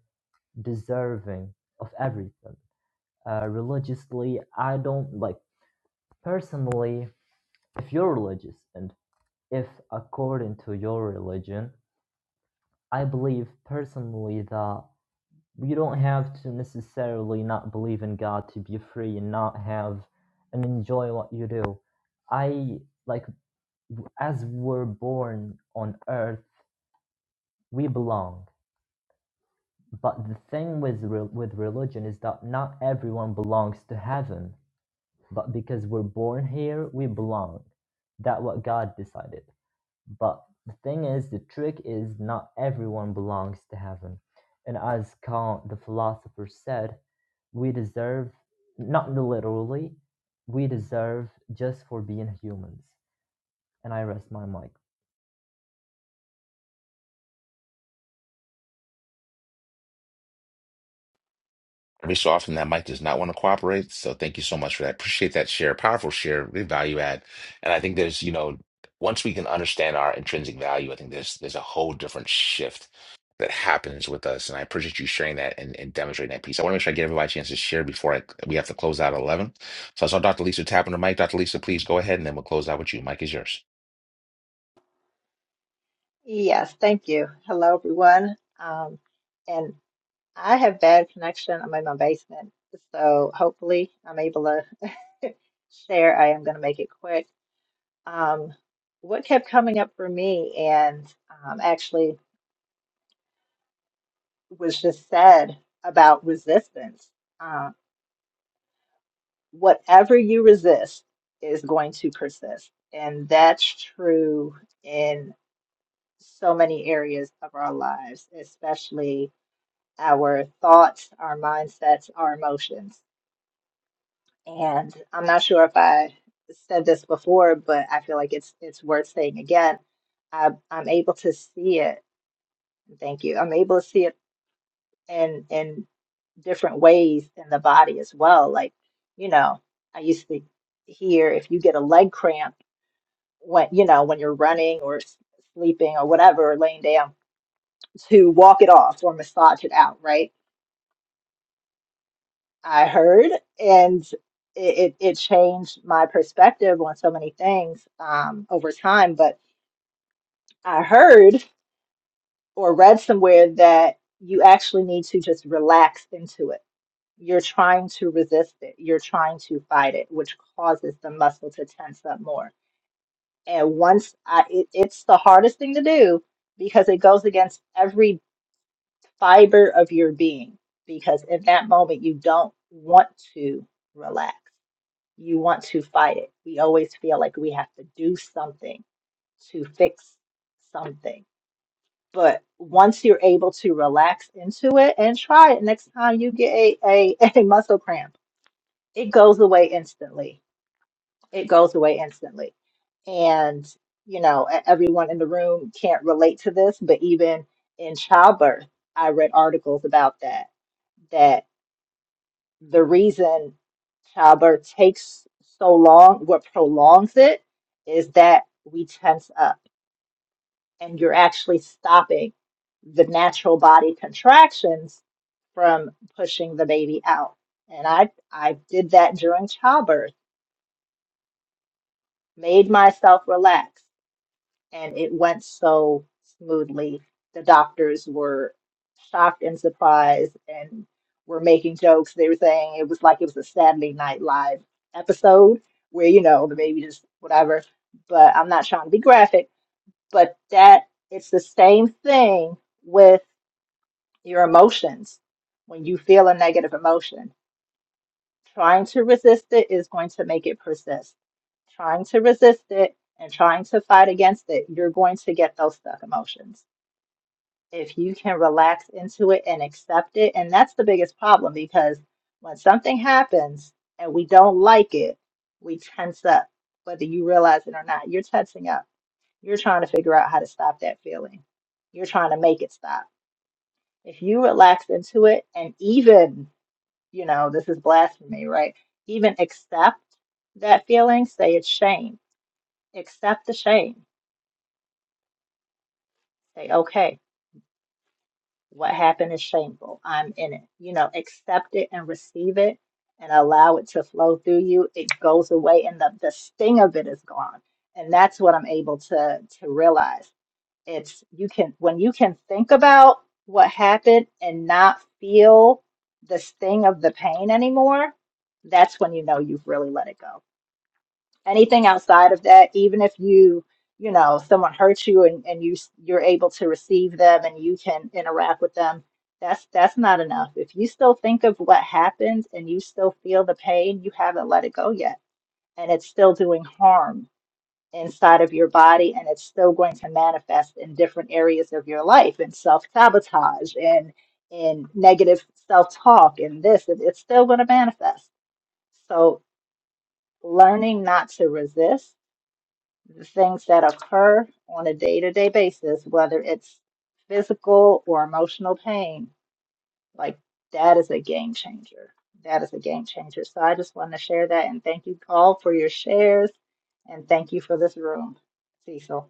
Speaker 3: deserving of everything. Uh, religiously, I don't like personally. If you're religious and if according to your religion, I believe personally that you don't have to necessarily not believe in God to be free and not have and enjoy what you do. I like as we're born on earth, we belong. But the thing with re- with religion is that not everyone belongs to heaven, but because we're born here, we belong. That what God decided. But the thing is, the trick is not everyone belongs to heaven, and as Kant, the philosopher, said, we deserve not literally, we deserve just for being humans. And I rest my mic.
Speaker 1: every so often that Mike does not want to cooperate. So thank you so much for that. Appreciate that share. Powerful share, really value add. And I think there's, you know, once we can understand our intrinsic value, I think there's there's a whole different shift that happens with us. And I appreciate you sharing that and, and demonstrating that piece. I want to make sure I give everybody a chance to share before I, we have to close out at 11. So I saw Dr. Lisa tapping the mic. Dr. Lisa, please go ahead and then we'll close out with you. Mike is yours.
Speaker 11: Yes, thank you. Hello, everyone. Um, and I have bad connection. I'm in my basement, so hopefully I'm able to share. I am going to make it quick. Um, what kept coming up for me, and um, actually was just said about resistance. Uh, whatever you resist is going to persist, and that's true in so many areas of our lives, especially our thoughts, our mindsets, our emotions. And I'm not sure if I said this before, but I feel like it's it's worth saying again. I, I'm able to see it. Thank you. I'm able to see it in in different ways in the body as well. Like, you know, I used to hear if you get a leg cramp when you know when you're running or s- sleeping or whatever, or laying down, to walk it off or massage it out, right? I heard, and it, it, it changed my perspective on so many things um, over time. But I heard or read somewhere that you actually need to just relax into it. You're trying to resist it, you're trying to fight it, which causes the muscle to tense up more. And once I, it, it's the hardest thing to do because it goes against every fiber of your being. Because in that moment, you don't want to relax you want to fight it. We always feel like we have to do something to fix something. But once you're able to relax into it and try it next time you get a, a, a muscle cramp, it goes away instantly. It goes away instantly. And, you know, e- everyone in the room can't relate to this, but even in childbirth, I read articles about that the reason childbirth takes so long, what prolongs it, is that we tense up and you're actually stopping the natural body contractions from pushing the baby out. And I I did that during childbirth, made myself relax. and it went so smoothly. The doctors were shocked and surprised and were making jokes. They were saying it was like it was a Saturday Night Live episode where, you know, the baby just whatever. But I'm not trying to be graphic, but that it's the same thing with your emotions when you feel a negative emotion. Trying to resist it is going to make it persist. Trying to resist it and trying to fight against it, you're going to get those stuck emotions. If you can relax into it and accept it, and that's the biggest problem because when something happens and we don't like it, we tense up. Whether you realize it or not, you're tensing up. You're trying to figure out how to stop that feeling. You're trying to make it stop. If you relax into it and even you know, this is blasphemy, right? Even accept that feeling, say it's shame. Accept the shame. Say, okay, what happened is shameful. I'm in it. You know, accept it and receive it and allow it to flow through you. It goes away and the, the sting of it is gone. And that's what I'm able to to realize. It's you can when you can think about what happened and not feel the sting of the pain anymore, that's when you know you've really let it go. anything outside of that even if you you know someone hurts you and, and you you're able to receive them and you can interact with them that's that's not enough if you still think of what happened and you still feel the pain you haven't let it go yet and it's still doing harm inside of your body and it's still going to manifest in different areas of your life and self-sabotage and in negative self-talk and this and it's still going to manifest so learning not to resist the things that occur on a day-to-day basis, whether it's physical or emotional pain, like that is a game changer. That is a game changer. So I just wanted to share that and thank you, Paul, for your shares and thank you for this room, Cecil.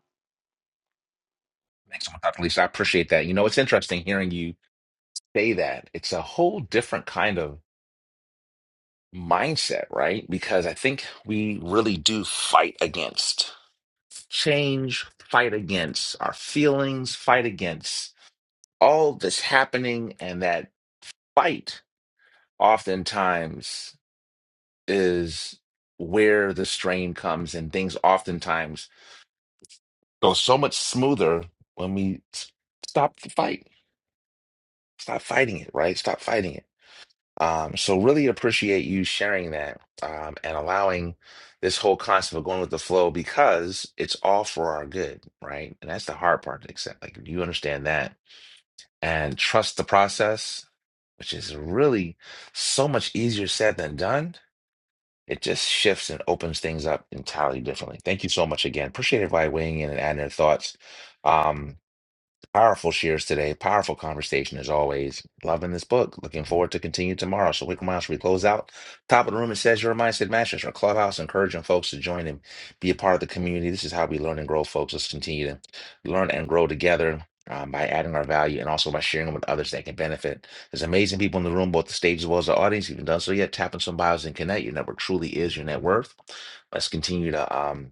Speaker 1: Thanks so much, Dr. Lisa. I appreciate that. You know, it's interesting hearing you say that, it's a whole different kind of mindset, right? Because I think we really do fight against change, fight against our feelings, fight against all that's happening. And that fight oftentimes is where the strain comes, and things oftentimes go so much smoother when we s- stop the fight, stop fighting it, right? Stop fighting it. Um, so really appreciate you sharing that um, and allowing this whole concept of going with the flow because it's all for our good, right? And that's the hard part to accept. Like you understand that and trust the process, which is really so much easier said than done. It just shifts and opens things up entirely differently. Thank you so much again. Appreciate everybody weighing in and adding their thoughts. Um, Powerful shares today. Powerful conversation as always. Loving this book. Looking forward to continue tomorrow. So, Wicked Mouse, we close out. Top of the room, it says your mindset matches our clubhouse, encouraging folks to join and be a part of the community. This is how we learn and grow, folks. Let's continue to learn and grow together um, by adding our value and also by sharing with others that can benefit. There's amazing people in the room, both the stage as well as the audience. If you haven't done so yet, tap on some bios and connect. Your network truly is your net worth. Let's continue to. Um,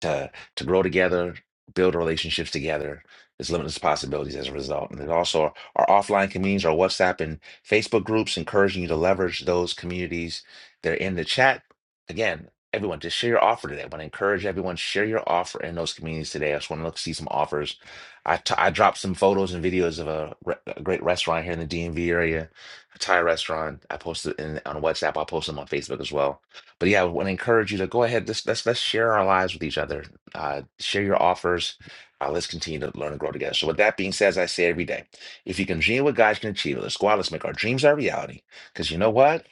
Speaker 1: to to grow together, build relationships together. There's limitless possibilities as a result. And there's also our offline communities, our WhatsApp and Facebook groups, encouraging you to leverage those communities. They're in the chat. Again, everyone, just share your offer today. I want to encourage everyone, share your offer in those communities today. I just want to look see some offers. I t- I dropped some photos and videos of a, re- a great restaurant here in the DMV area, a Thai restaurant. I posted in on WhatsApp. I'll post them on Facebook as well but yeah, I want to encourage you to go ahead. Let's let's let's share our lives with each other. Uh, share your offers. Uh, let's continue to learn and grow together. So, with that being said, as I say every day, if you can dream what God can achieve, it, let's go out. Let's make our dreams our reality. Because you know what?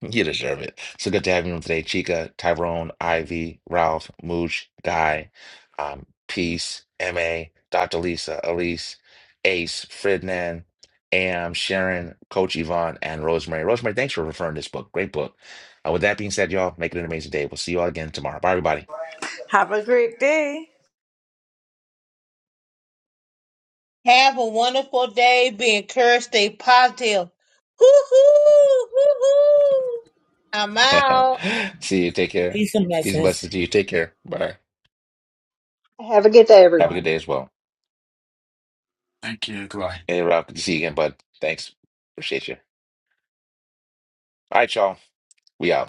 Speaker 1: You deserve it. So good to have you on today, Chica, Tyrone, Ivy, Ralph, Mooch, Guy, um, Peace, MA, Dr. Lisa, Elise, Ace, Fridnan, Am, Sharon, Coach Yvonne, and Rosemary. Rosemary, thanks for referring this book. Great book. Uh, with that being said, y'all, make it an amazing day. We'll see you all again tomorrow. Bye, everybody.
Speaker 5: have a great day
Speaker 4: Have a wonderful day. Be encouraged. Stay positive. Hoo hoo, hoo hoo. I'm out.
Speaker 1: see you. Take care.
Speaker 7: Peace and
Speaker 1: Peace and
Speaker 7: blessings.
Speaker 1: blessings to you. Take care. Bye.
Speaker 11: Have a good day,
Speaker 1: Have a good
Speaker 11: everyone.
Speaker 1: day as well.
Speaker 12: Thank you. Goodbye.
Speaker 1: Hey, Ralph, good to see you again, bud. Thanks. Appreciate you. All right, y'all. We out.